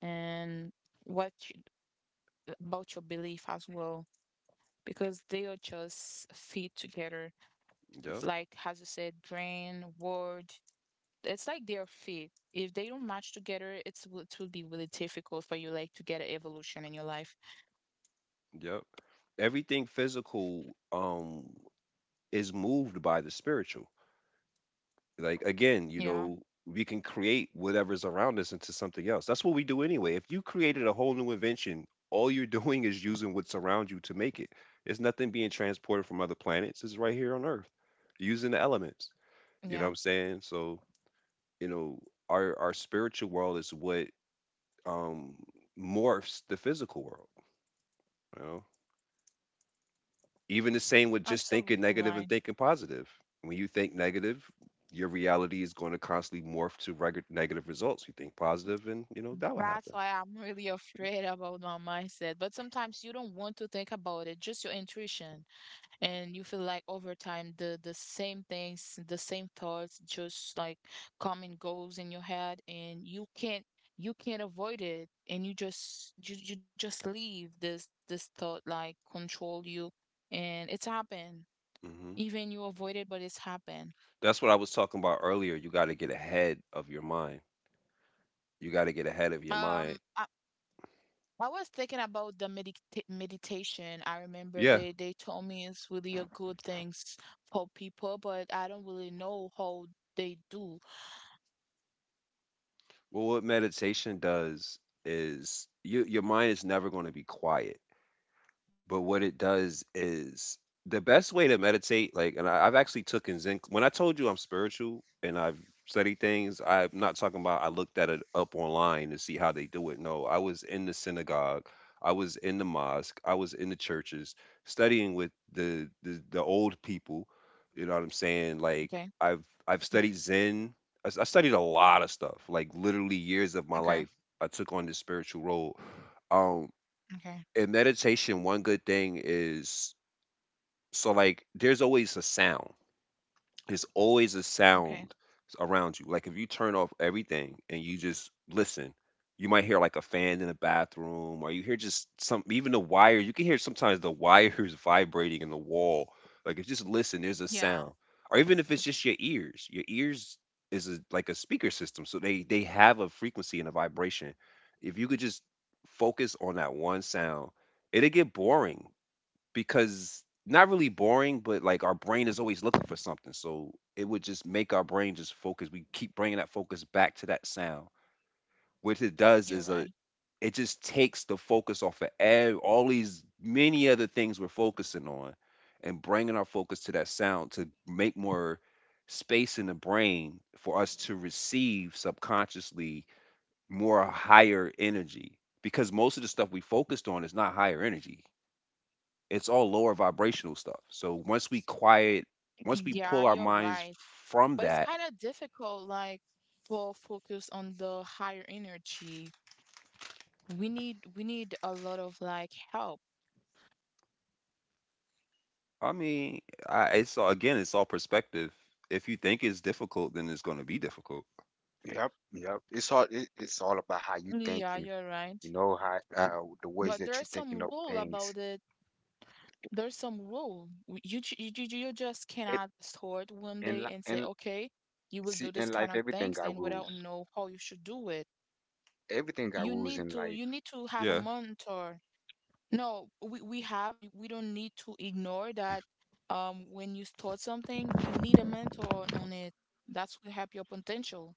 and what you, about your belief as well, because they are just fit together. Like as you said,
yep,
brain, word, it's like they're fit. If they don't match together, it's w- it will be really difficult for you like to get an evolution in your life.
yep. Everything physical, um, is moved by the spiritual. Like
Yeah,
again, you know, we can create whatever's around us into something else. That's what we do anyway. If you created a whole new invention, all you're doing is using what's around you to make it. It's nothing being transported from other planets. It's right here on Earth, using the elements.
yeah,
You know what I'm saying? So, you know, our our spiritual world is what um morphs the physical world, you know? Even the same with just
absolutely
thinking negative
right.
and thinking positive. When you think negative, your reality is going to constantly morph to reg- negative results. You think positive, and you know that will
That's
happen.
why I'm really afraid about my mindset. But sometimes you don't want to think about it, just your intuition. And you feel like over time the the same things, the same thoughts just like come and goes in your head and you can't, you can't avoid it and you just you, you just leave this this thought like control you and it's happened.
Hmm
Even you avoid it, but it's happened.
That's what I was talking about earlier. You got to get ahead of your mind. You got to get ahead of your mind.
Um, I, I was thinking about the medita- meditation. I remember
Yeah.
they, they told me it's really a good thing for people, but I don't really know how they do.
Well, what meditation does is you, your mind is never going to be quiet. But what it does is the best way to meditate, like, and I, I've actually taken Zen. When I told you I'm spiritual and I've studied things, I'm not talking about I looked at it up online to see how they do it. No, I was in the synagogue, I was in the mosque, I was in the churches studying with the the, the old people. You know what I'm saying? Like,
Okay,
I've I've studied Zen. I, s- I studied a lot of stuff. Like, literally years of my life,
okay,
I took on this spiritual road.
okay,
In meditation, one good thing is so like there's always a sound. There's always a sound
okay.
around you. Like if you turn off everything and you just listen, you might hear like a fan in the bathroom, or you hear just some even the wire. You can hear sometimes the wires vibrating in the wall. Like if you just listen, there's a sound.
Yeah,
Or even if it's just your ears, your ears is a, like a speaker system, so they they have a frequency and a vibration. If you could just focus on that one sound, it'd get boring. Because not really boring, but like our brain is always looking for something. So it would just make our brain just focus. We keep bringing that focus back to that sound. What it does is
you're
a
right.
it just takes the focus off of ev- all these many other things we're focusing on, and bringing our focus to that sound to make more space in the brain for us to receive subconsciously more higher energy, because most of the stuff we focused on is not higher energy, it's all lower vibrational stuff. So once we quiet, once we
Yeah,
pull
you're
our
right.
minds
But
from
it's
that,
kind of difficult, like for focus on the higher energy. We need we need a lot of like help.
I mean, I, it's all, again, it's all perspective. If you think it's difficult, then it's going to be difficult.
Yep, yep. It's all it, it's all about how you
Yeah,
thinking.
you're right.
You know how uh, the ways
But
that you
there's
thinking
some
of
rule
things.
about it, there's some rule. W- You, ju- you ju- you just
It
cannot start one
and
day
li-
and say,
and
okay, you will
see,
do this
in life
kind of
everything
things,
got
and
rules.
without know how you should do it.
Everything got
You
rules in
need to
life.
you need to have a
Yeah,
mentor. No, we we have we don't need to ignore that. Um, when you start something, you need a mentor on on it. That's will help your potential.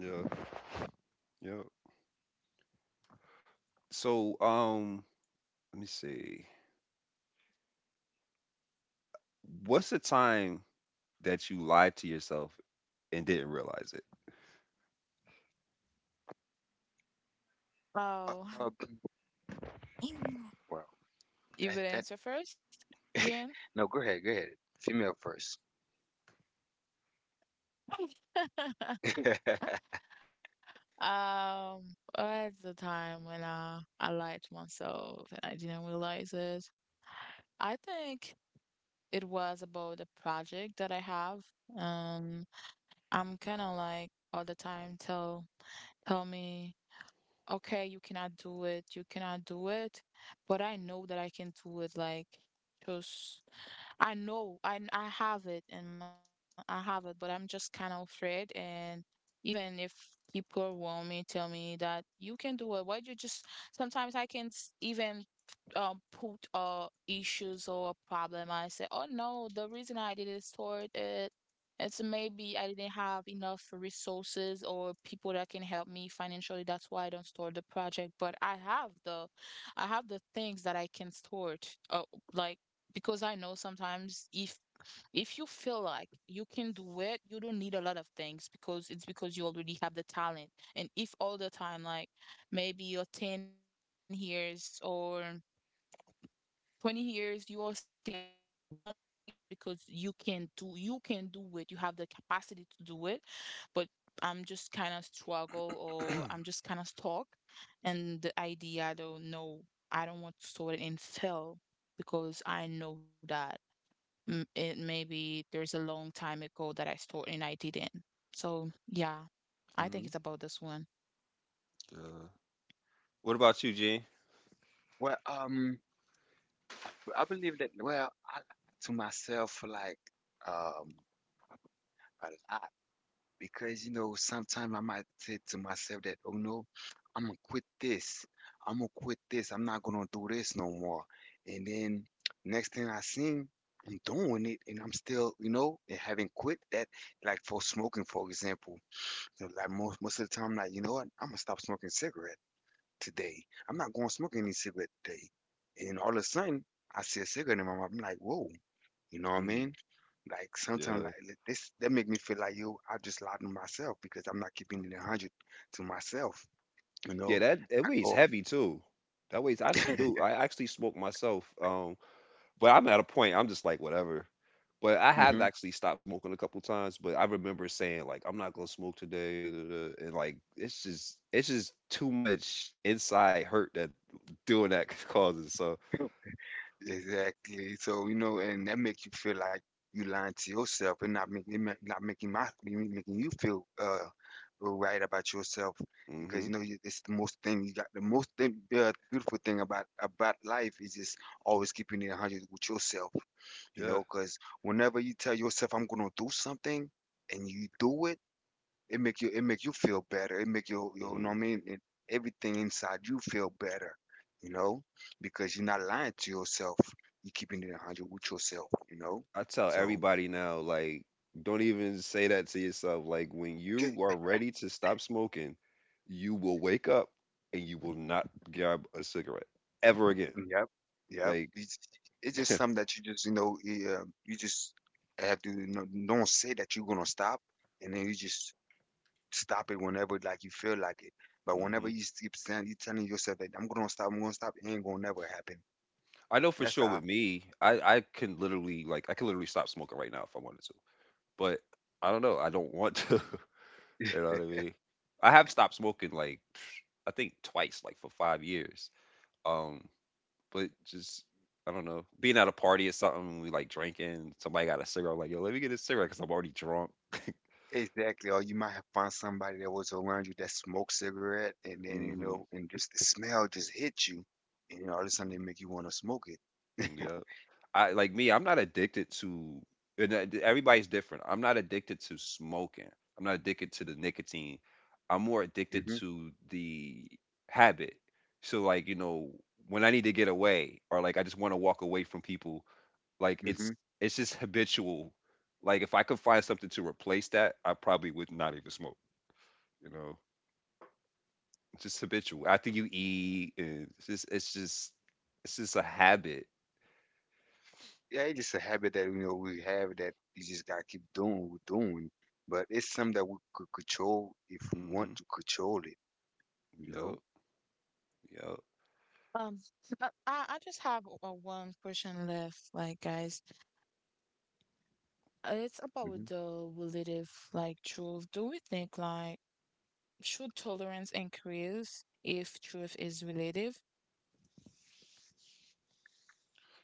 yeah, yeah. So, um, let me see. What's the time that you lied to yourself and didn't realize it?
Oh,
Uh, well,
you
that
would
that
answer first, Jen.
no, go ahead, go ahead. Female first.
Um, at the time when I I lied to myself and I didn't realize it, I think it was about a project that I have. Um, I'm kind of like all the time tell tell me, okay, you cannot do it, you cannot do it, but I know that I can do it. Like just I know I kn- I have it and m- I have it, but I'm just kind of afraid. And even if people around me tell me that you can do it, why you just sometimes I can't s- even um put uh issues or a problem I say, oh no, the reason I didn't sort it, it's maybe I didn't have enough resources or people that can help me financially. That's why I don't store the project. But I have the, I have the things that I can store it. Uh, like because I know sometimes if if you feel like you can do it, you don't need a lot of things because it's because you already have the talent. And if all the time like maybe your ten years or twenty years you are still thinking about the one thing, it's because you can do you can do it, you have the capacity to do it, but I'm just kind of struggle or I'm just kind of stuck and the idea I don't know, I don't want to sort it and fail because I know that mm, it maybe there's a long time ago that I started and I didn't, so yeah. I
Hmm.
think it's about this one.
Yeah. What about you, Gene?
Well, um, I, b- I believe that. Well, I lie to myself like um a lot because you know sometimes I might say to myself that, oh no, I'm gonna quit this. I'm gonna quit this. I'm not gonna do this no more. And then next thing I seen. I'm doing it and I'm still, you know, and having quit that, like for smoking, for example. So like most most of the time, like you know what, I'm gonna stop smoking cigarette today. I'm not going to smoke any cigarette today. And all of a sudden, I see a cigarette in my mouth. I'm like, whoa, you know what I
Mm,
mean? Like sometimes,
yeah,
like li- this, that make me feel like, yo, I just lied to myself because I'm not keeping it a hundred to myself. You
yeah.
know,
That it
I
weighs
go,
heavy too. That weighs. I s- do. I actually smoke myself. Um, But I'm at a point, I'm just like, "Whatever." But I have
mhm.
actually stopped smoking a couple times, but I remember saying, like, "I'm not gonna smoke today," duh, duh, duh, and like, it's just it's just too much inside hurt that doing that causes. So,
Exactly. So, you know, and that makes you feel like you lying to yourself and not making it ma- not making my making you feel uh right about yourself
mhm,
because you know you- it's the most thing you got, the most thing, uh, beautiful thing about about life is just always keeping it one hundred with yourself, you
yeah,
know because whenever you tell yourself I'm going to do something and you do it, it make you it make you feel better. It make you, you know
mhm.
what I mean. It, everything inside you feel better, you know, because you're not lying to yourself. You're keeping it a hundred with yourself, you know.
I tell
So
everybody now, like, don't even say that to yourself. Like, when
ju-
you are ready to stop smoking, you will wake up and you will not grab a cigarette ever again.
yep, yep.
Like.
It's, it's just something that you just you know yeah, you just have to, you know, don't say that you're gonna stop, and then you just stop it whenever, like, you feel like it. But whenever
Mhm.
you keep saying, you telling yourself that I'm gonna stop, I'm gonna stop, it ain't gonna never happen.
I know for
That's
sure
how
with
I.
me, I I can literally, like, I can literally stop smoking right now if I wanted to. But I don't know. I don't want to. You know what I mean? I have stopped smoking, like I think twice, like for five years. Um, but just I don't know, being at a party or something, we like drinking. Somebody got a cigarette, I'm like, yo, let me get a cigarette because I'm already drunk.
Exactly. Or you might have found somebody that was around you that smoked cigarette, and then, you
Hmm.
know, and just the smell just hits you, and then all of a sudden they make you want to smoke it.
Yeah. I, like me, I'm not addicted to, and uh, everybody's different. I'm not addicted to smoking. I'm not addicted to the nicotine. I'm more addicted
Hmm.
to the habit. So like, you know, when I need to get away, or like I just want to walk away from people, like it's
Hmm.
it's just habitual. Like if I could find something to replace that, I probably would not even smoke, you know. It's just habitual. After you eat and it's just it's just it's just a habit.
Yeah, it's just a habit that you know we have that you just gotta keep doing, we're doing. But it's something that we could control if we want
Mhm.
to control it, you know.
Yep. Yep.
Um, I, I I just have a one question left, like guys. Uh, It's
Hmm.
about the relative like truth. Do we think like should tolerance increase if truth is relative?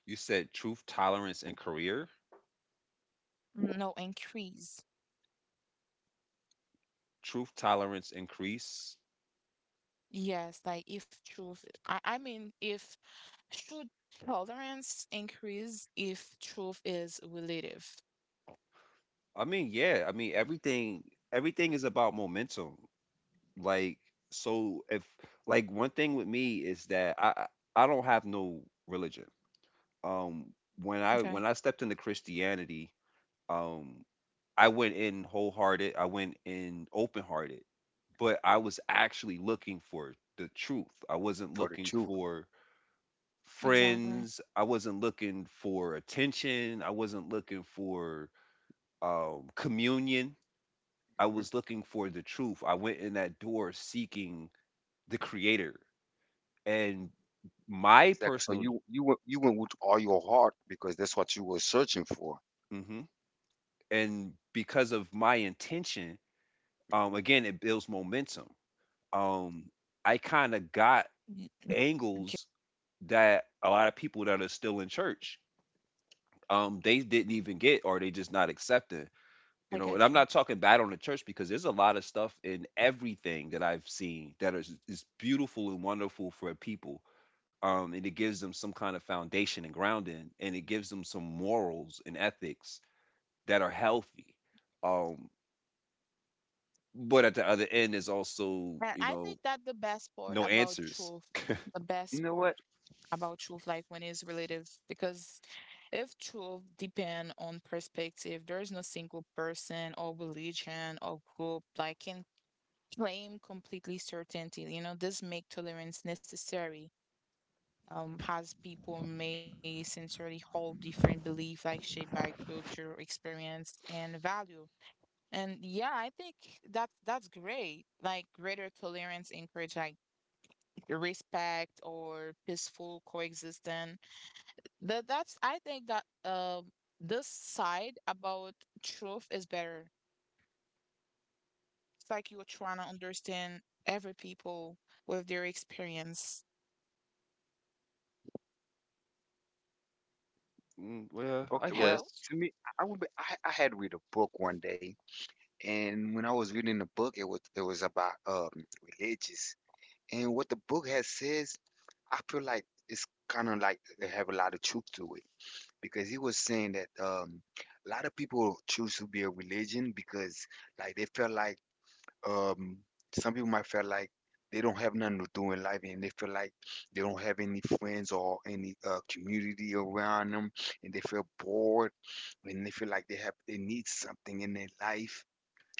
You said truth, tolerance, and career.
No, increase.
Truth, tolerance, increase.
Yes, like if truth, I, I mean, if should tolerance increase if truth is relative?
I mean, yeah. I mean, everything. Everything is about momentum. Like, so if, like, one thing with me is that I I I don't have no religion. Um, when I when
Okay,
I stepped into Christianity, um, I went in wholehearted. I went in open hearted, but I was actually looking for the truth. I wasn't
For the
looking
truth.
for
exactly.
friends. I wasn't looking for attention. I wasn't looking for um, communion. I
Mhm.
was looking for the truth. I went in that door seeking the Creator, and my
Exactly. So
personal.
you you went you went with all your heart because that's what you were searching for.
Mhm.
Y-
And
Okay,
because of my intention, um, again, it builds momentum. Um, I kind of got angles that a lot of people that are still in church, um, they didn't even
I
get, or they
get
just
you.
not accepting. You know, and I'm not talking bad on the church because there's a lot of stuff in everything that I've seen that is, is beautiful and wonderful for people. Um, and it gives them some kind of foundation and grounding, and it gives them some morals and ethics that are healthy. Um, but at the other end is
And I think
also, you
that the
know,
best part about
no
truth,
answers.
the best part
You know what?
about truth, like when it's relative, because if truth depend on perspective, there is no single person or religion or group like can claim completely certainty. You know, this make tolerance necessary, um, as people may sincerely hold different beliefs, like shaped by culture, experience, and value. And yeah, I think that's that's great. Like greater tolerance encourage like respect or peaceful coexistence. That that's I think that um this side about truth is better. It's like you're trying to understand every people with their experience.
Mm, well, I
Okay,
guess.
well, to
Hello.
me, I I would be, I, I had read a book one day, and when I was reading the book, it was, it was about um religious, and what the book has says, I feel like it's kind of like they have a lot of truth to it because he was saying that um a lot of people choose to be a religion because, like, they feel like, um some people might feel like they don't have nothing to do in life and they feel like they don't have any friends or any uh, community around them, and they feel bored when they feel like they have they need something in their life,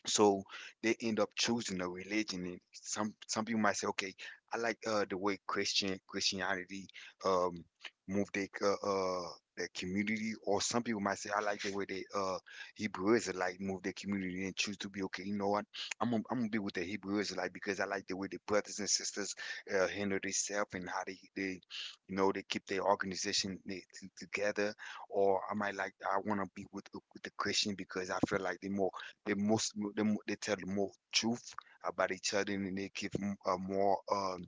so they end up choosing a religion. And some some people might say, okay, I like uh the way christian christianity um move their uh, uh their community. Or some people might say, I like the way they uh Hebrew Israelite move their community and choose to be okay. You know what, i'm gonna, I'm gonna be with the Hebrew Israelite because I like the way the brothers and sisters uh handle themselves and how they they you know they keep their organization they, t- together. Or I might like, I want to be with, the- with the Christian because I feel like they're more they most they, mo- they tell more truth about each other, and they give m- a more um,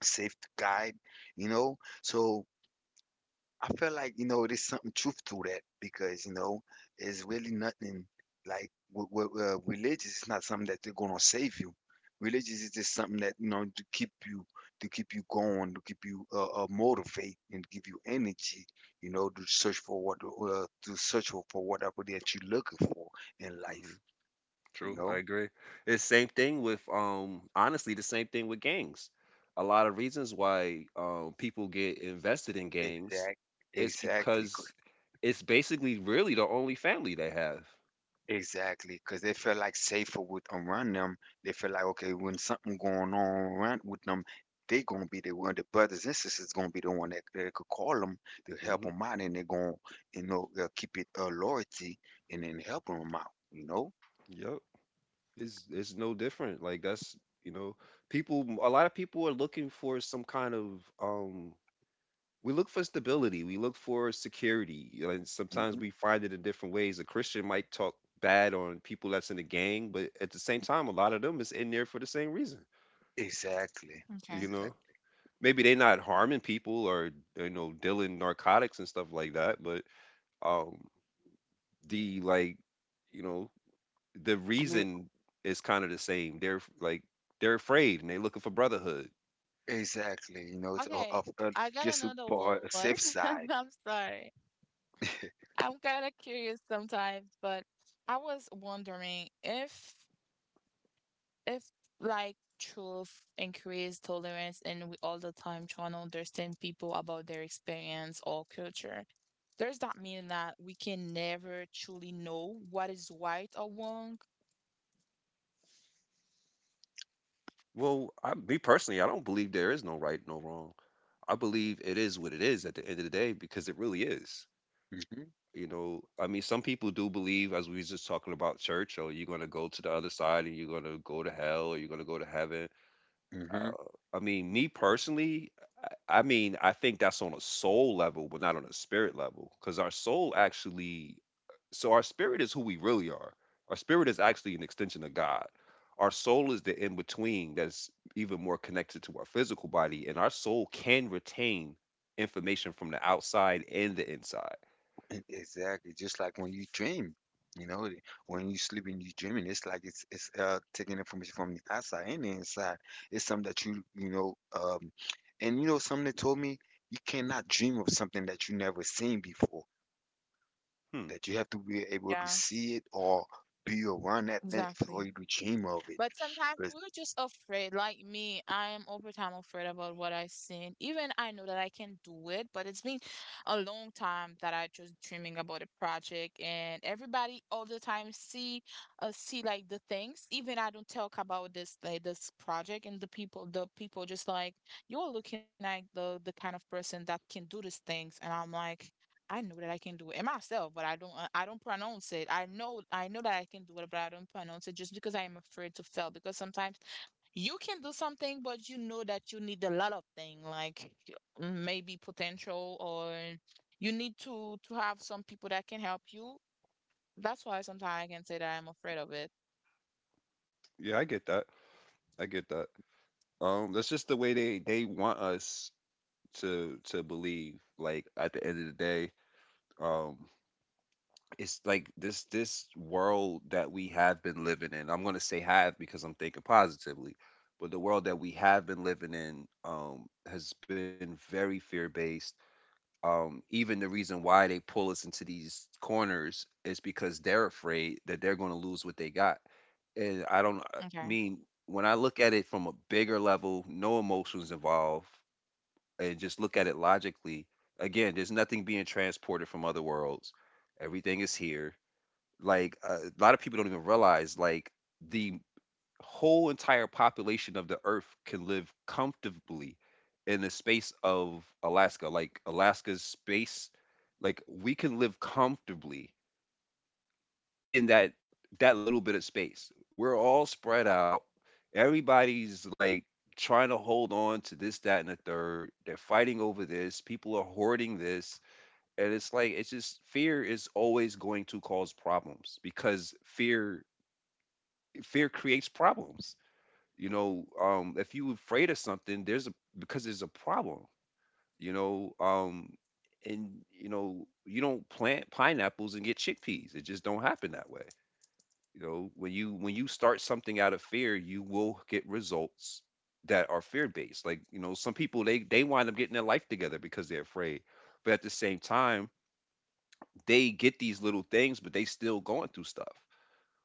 safe guide, you know. So I feel like, you know there's something truth to that because, you know it's really nothing like w- w- uh, religious is not something that they're gonna save you. Religious is just something that, you know to keep you to keep you going, to keep you uh, uh, motivate, and give you energy, you know, to search for what uh, to search for whatever that you're looking for in life, you
True, I
know.
agree. It's same thing with um honestly the same thing with gangs. A lot of reasons why um people get invested in gangs
Exact,
is
exactly, c-
because it's basically really the only family they have.
exactly. Because they feel like safer with around them. They feel like, okay, when something going on around with them, they gonna be the one. The brothers and sisters gonna be the one that, that could call them to help
Hmm.
them out, and they gonna, you know uh, keep it, uh, loyalty, and then help them out. You know.
Yep. It's it's no different. Like that's, you know, people a lot of people are looking for some kind of um we look for stability. We look for security. You know, and sometimes
Hmm.
we find it in different ways. A Christian might talk bad on people that's in the gang, but at the same time, a lot of them is in there for the same reason.
Exactly.
You know,
Okay.
Exactly.
maybe they're not harming people or, you know dealing narcotics and stuff like that, but um, the like, you know, the
I mean,
reason is kind of the same. They're like they're afraid, and they're looking for brotherhood.
exactly. You know, it's of, of uh,
Okay.
just
I got
for
another
a
one.
safe side.
I'm sorry. I'm kind of curious sometimes, but I was wondering if if like truth increase tolerance and we all the time trying to understand people about their experience or culture. Does that mean that we can never truly know what is right or wrong?
Well, I, me personally, I don't believe there is no right, no wrong. I believe it is what it is at the end of the day because it really is.
Hmm.
You know, I mean, some people do believe, as we was just talking about church, or you're going to go to the other side and you're going to go to hell or you're going to go to heaven. Uh,
Hmm.
I mean, me personally, I I mean, I think that's on a soul level, but not on a spirit level because our soul actually— so our spirit is who we really are. Our spirit is actually an extension of God. Our soul is the in between that's even more connected to our physical body, and our soul can retain information from the outside and the inside.
E- Exactly. Just like when you dream, you know, eh, when you sleep and you dreaming, it's like it's it's uh taking information from the outside and the inside. It's something that you you know um and you know something that told me, you cannot dream of something that you never seen before.
Hmm.
That you have to be able to
Yeah,
see it or be around that thing for
exactly.
you to dream of it.
But sometimes
'Cause-
we're just afraid. Like me, I am over time afraid about what I seen. Even I know that I can do it, but it's been a long time that I just dreaming about a project and everybody all the time see, uh, see like the things. Even I don't talk about this like this project and the people the people just like you're looking at the the kind of person that can do these things and I'm like I know that I can do it and myself, but I don't. uh, I don't pronounce it. I know. I know that I can do it, but I don't pronounce it just because I am afraid to fail. Because sometimes you can do something, but you know that you need a lot of thing, like y- maybe potential, or you need to to have some people that can help you. That's why sometimes I can say that I'm afraid of it.
Yeah, I get that. I get that. Um, that's just the way they they want us to to believe. Like at the end of the day, um, it's like this this world that we have been living in. I'm gonna say have because I'm thinking positively, but the world that we have been living in, um, has been very fear based. Um, even the reason why they pull us into these corners is because they're afraid that they're gonna lose what they got. And I don't I
Okay.
mean, when I look at it from a bigger level, no emotions involved, and just look at it logically. Again, there's nothing being transported from other worlds. Everything is here. Like, uh, a lot of people don't even realize, like, the whole entire population of the Earth can live comfortably in the space of Alaska. Like, Alaska's space, like, we can live comfortably in that that little bit of space. We're all spread out. Everybody's like trying to hold on to this, that, and the third. They're fighting over this. People are hoarding this. And it's like, it's just fear is always going to cause problems, because fear fear creates problems. You know, um if you afraid of something, there's a— because there's a problem. You know, um and you know, you don't plant pineapples and get chickpeas, it just don't happen that way. You know, when you when you start something out of fear, you will get results that are fear based. Like, you know, some people, they they wind up getting their life together because they're afraid, but at the same time, they get these little things, but they still going through stuff.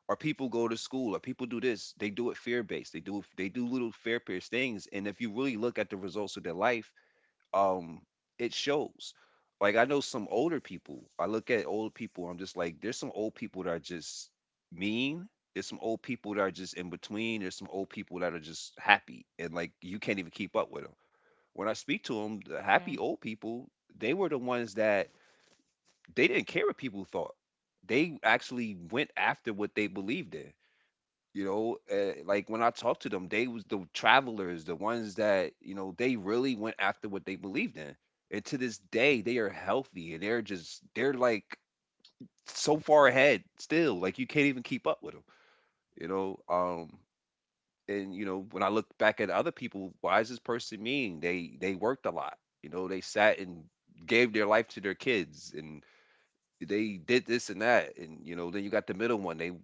Or people go to school, or people do this, they do it fear based, they do they do little fear based things, and if you really look at the results of their life, um it shows. Like, I know some older people, I look at old people, I'm just like, there's some old people that are just mean, there's some old people that are just in between, there's some old people that are just happy, and like, you can't even keep up with them. When I speak to them, the happy
Okay.
old people, they were the ones that they didn't care what people thought. They actually went after what they believed in. You know, uh, like when I talked to them, they was the travelers, the ones that, you know, they really went after what they believed in, and to this day they are healthy, and they're just, they're like, so far ahead still, like you can't even keep up with them. You know, um and you know, when I look back at other people, why is this person mean, they they worked a lot, you know, they sat and gave their life to their kids, and they did this and that, and you know, then you got the middle one, they you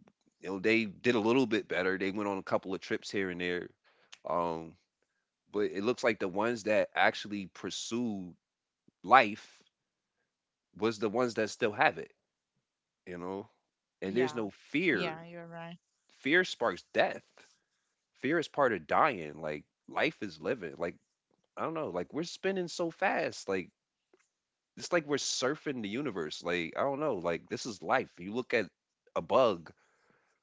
know they did a little bit better, they went on a couple of trips here and there. um but it looks like the ones that actually pursued life was the ones that still have it, you know. And there's
Yeah.
no
Yeah,
fear.
you're right.
Fear sparks death. Fear is part of dying. Like, life is living. Like, I don't know, like we're spinning so fast, like it's like we're surfing the universe. Like, I don't know, like this is life. You look at a bug,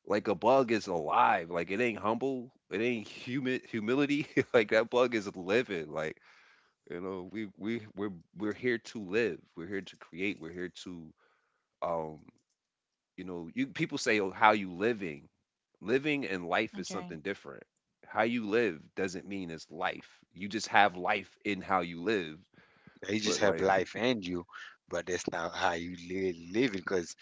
like a bug is alive. Like, it ain't humble. It ain't humid humility. Like that bug is living. Like, you know, we we we're we're here to live. We're here to create. We're here to um. You know, you people say, "Oh, how you living? Living and life is
Okay.
something different. How you live doesn't mean it's life. You just have life in how you live."
He just
But
have
like,
life and you, but that's not how you live living because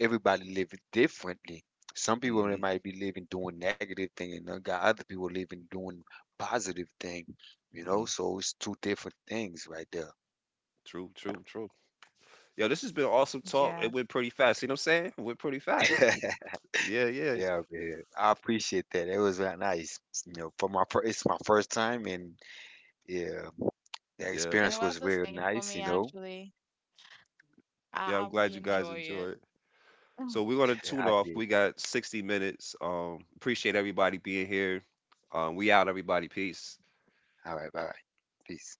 everybody live it differently. Some people they
hmm
might be living doing negative thing, and then got other people living doing positive thing. You know,
hmm
so it's two different things right there.
true, true, true. Yo, this has been awesome talk.
Yes.
It went pretty fast. You know what I'm saying? It went pretty fast. Yeah, yeah.
Yeah, man. I appreciate that. It was uh, nice. You know, for my first, it's my first time, and yeah, the
Yeah,
It
experience
was
was
the
real
same for me
nice. You know.
actually. I,
yeah,
I
I'm
really
glad you
enjoy
guys
it.
enjoyed. So we're gonna tune
I
off.
did.
We got sixty minutes. Um, appreciate everybody being here. Um, we out, everybody. Peace.
All right, bye bye. Peace.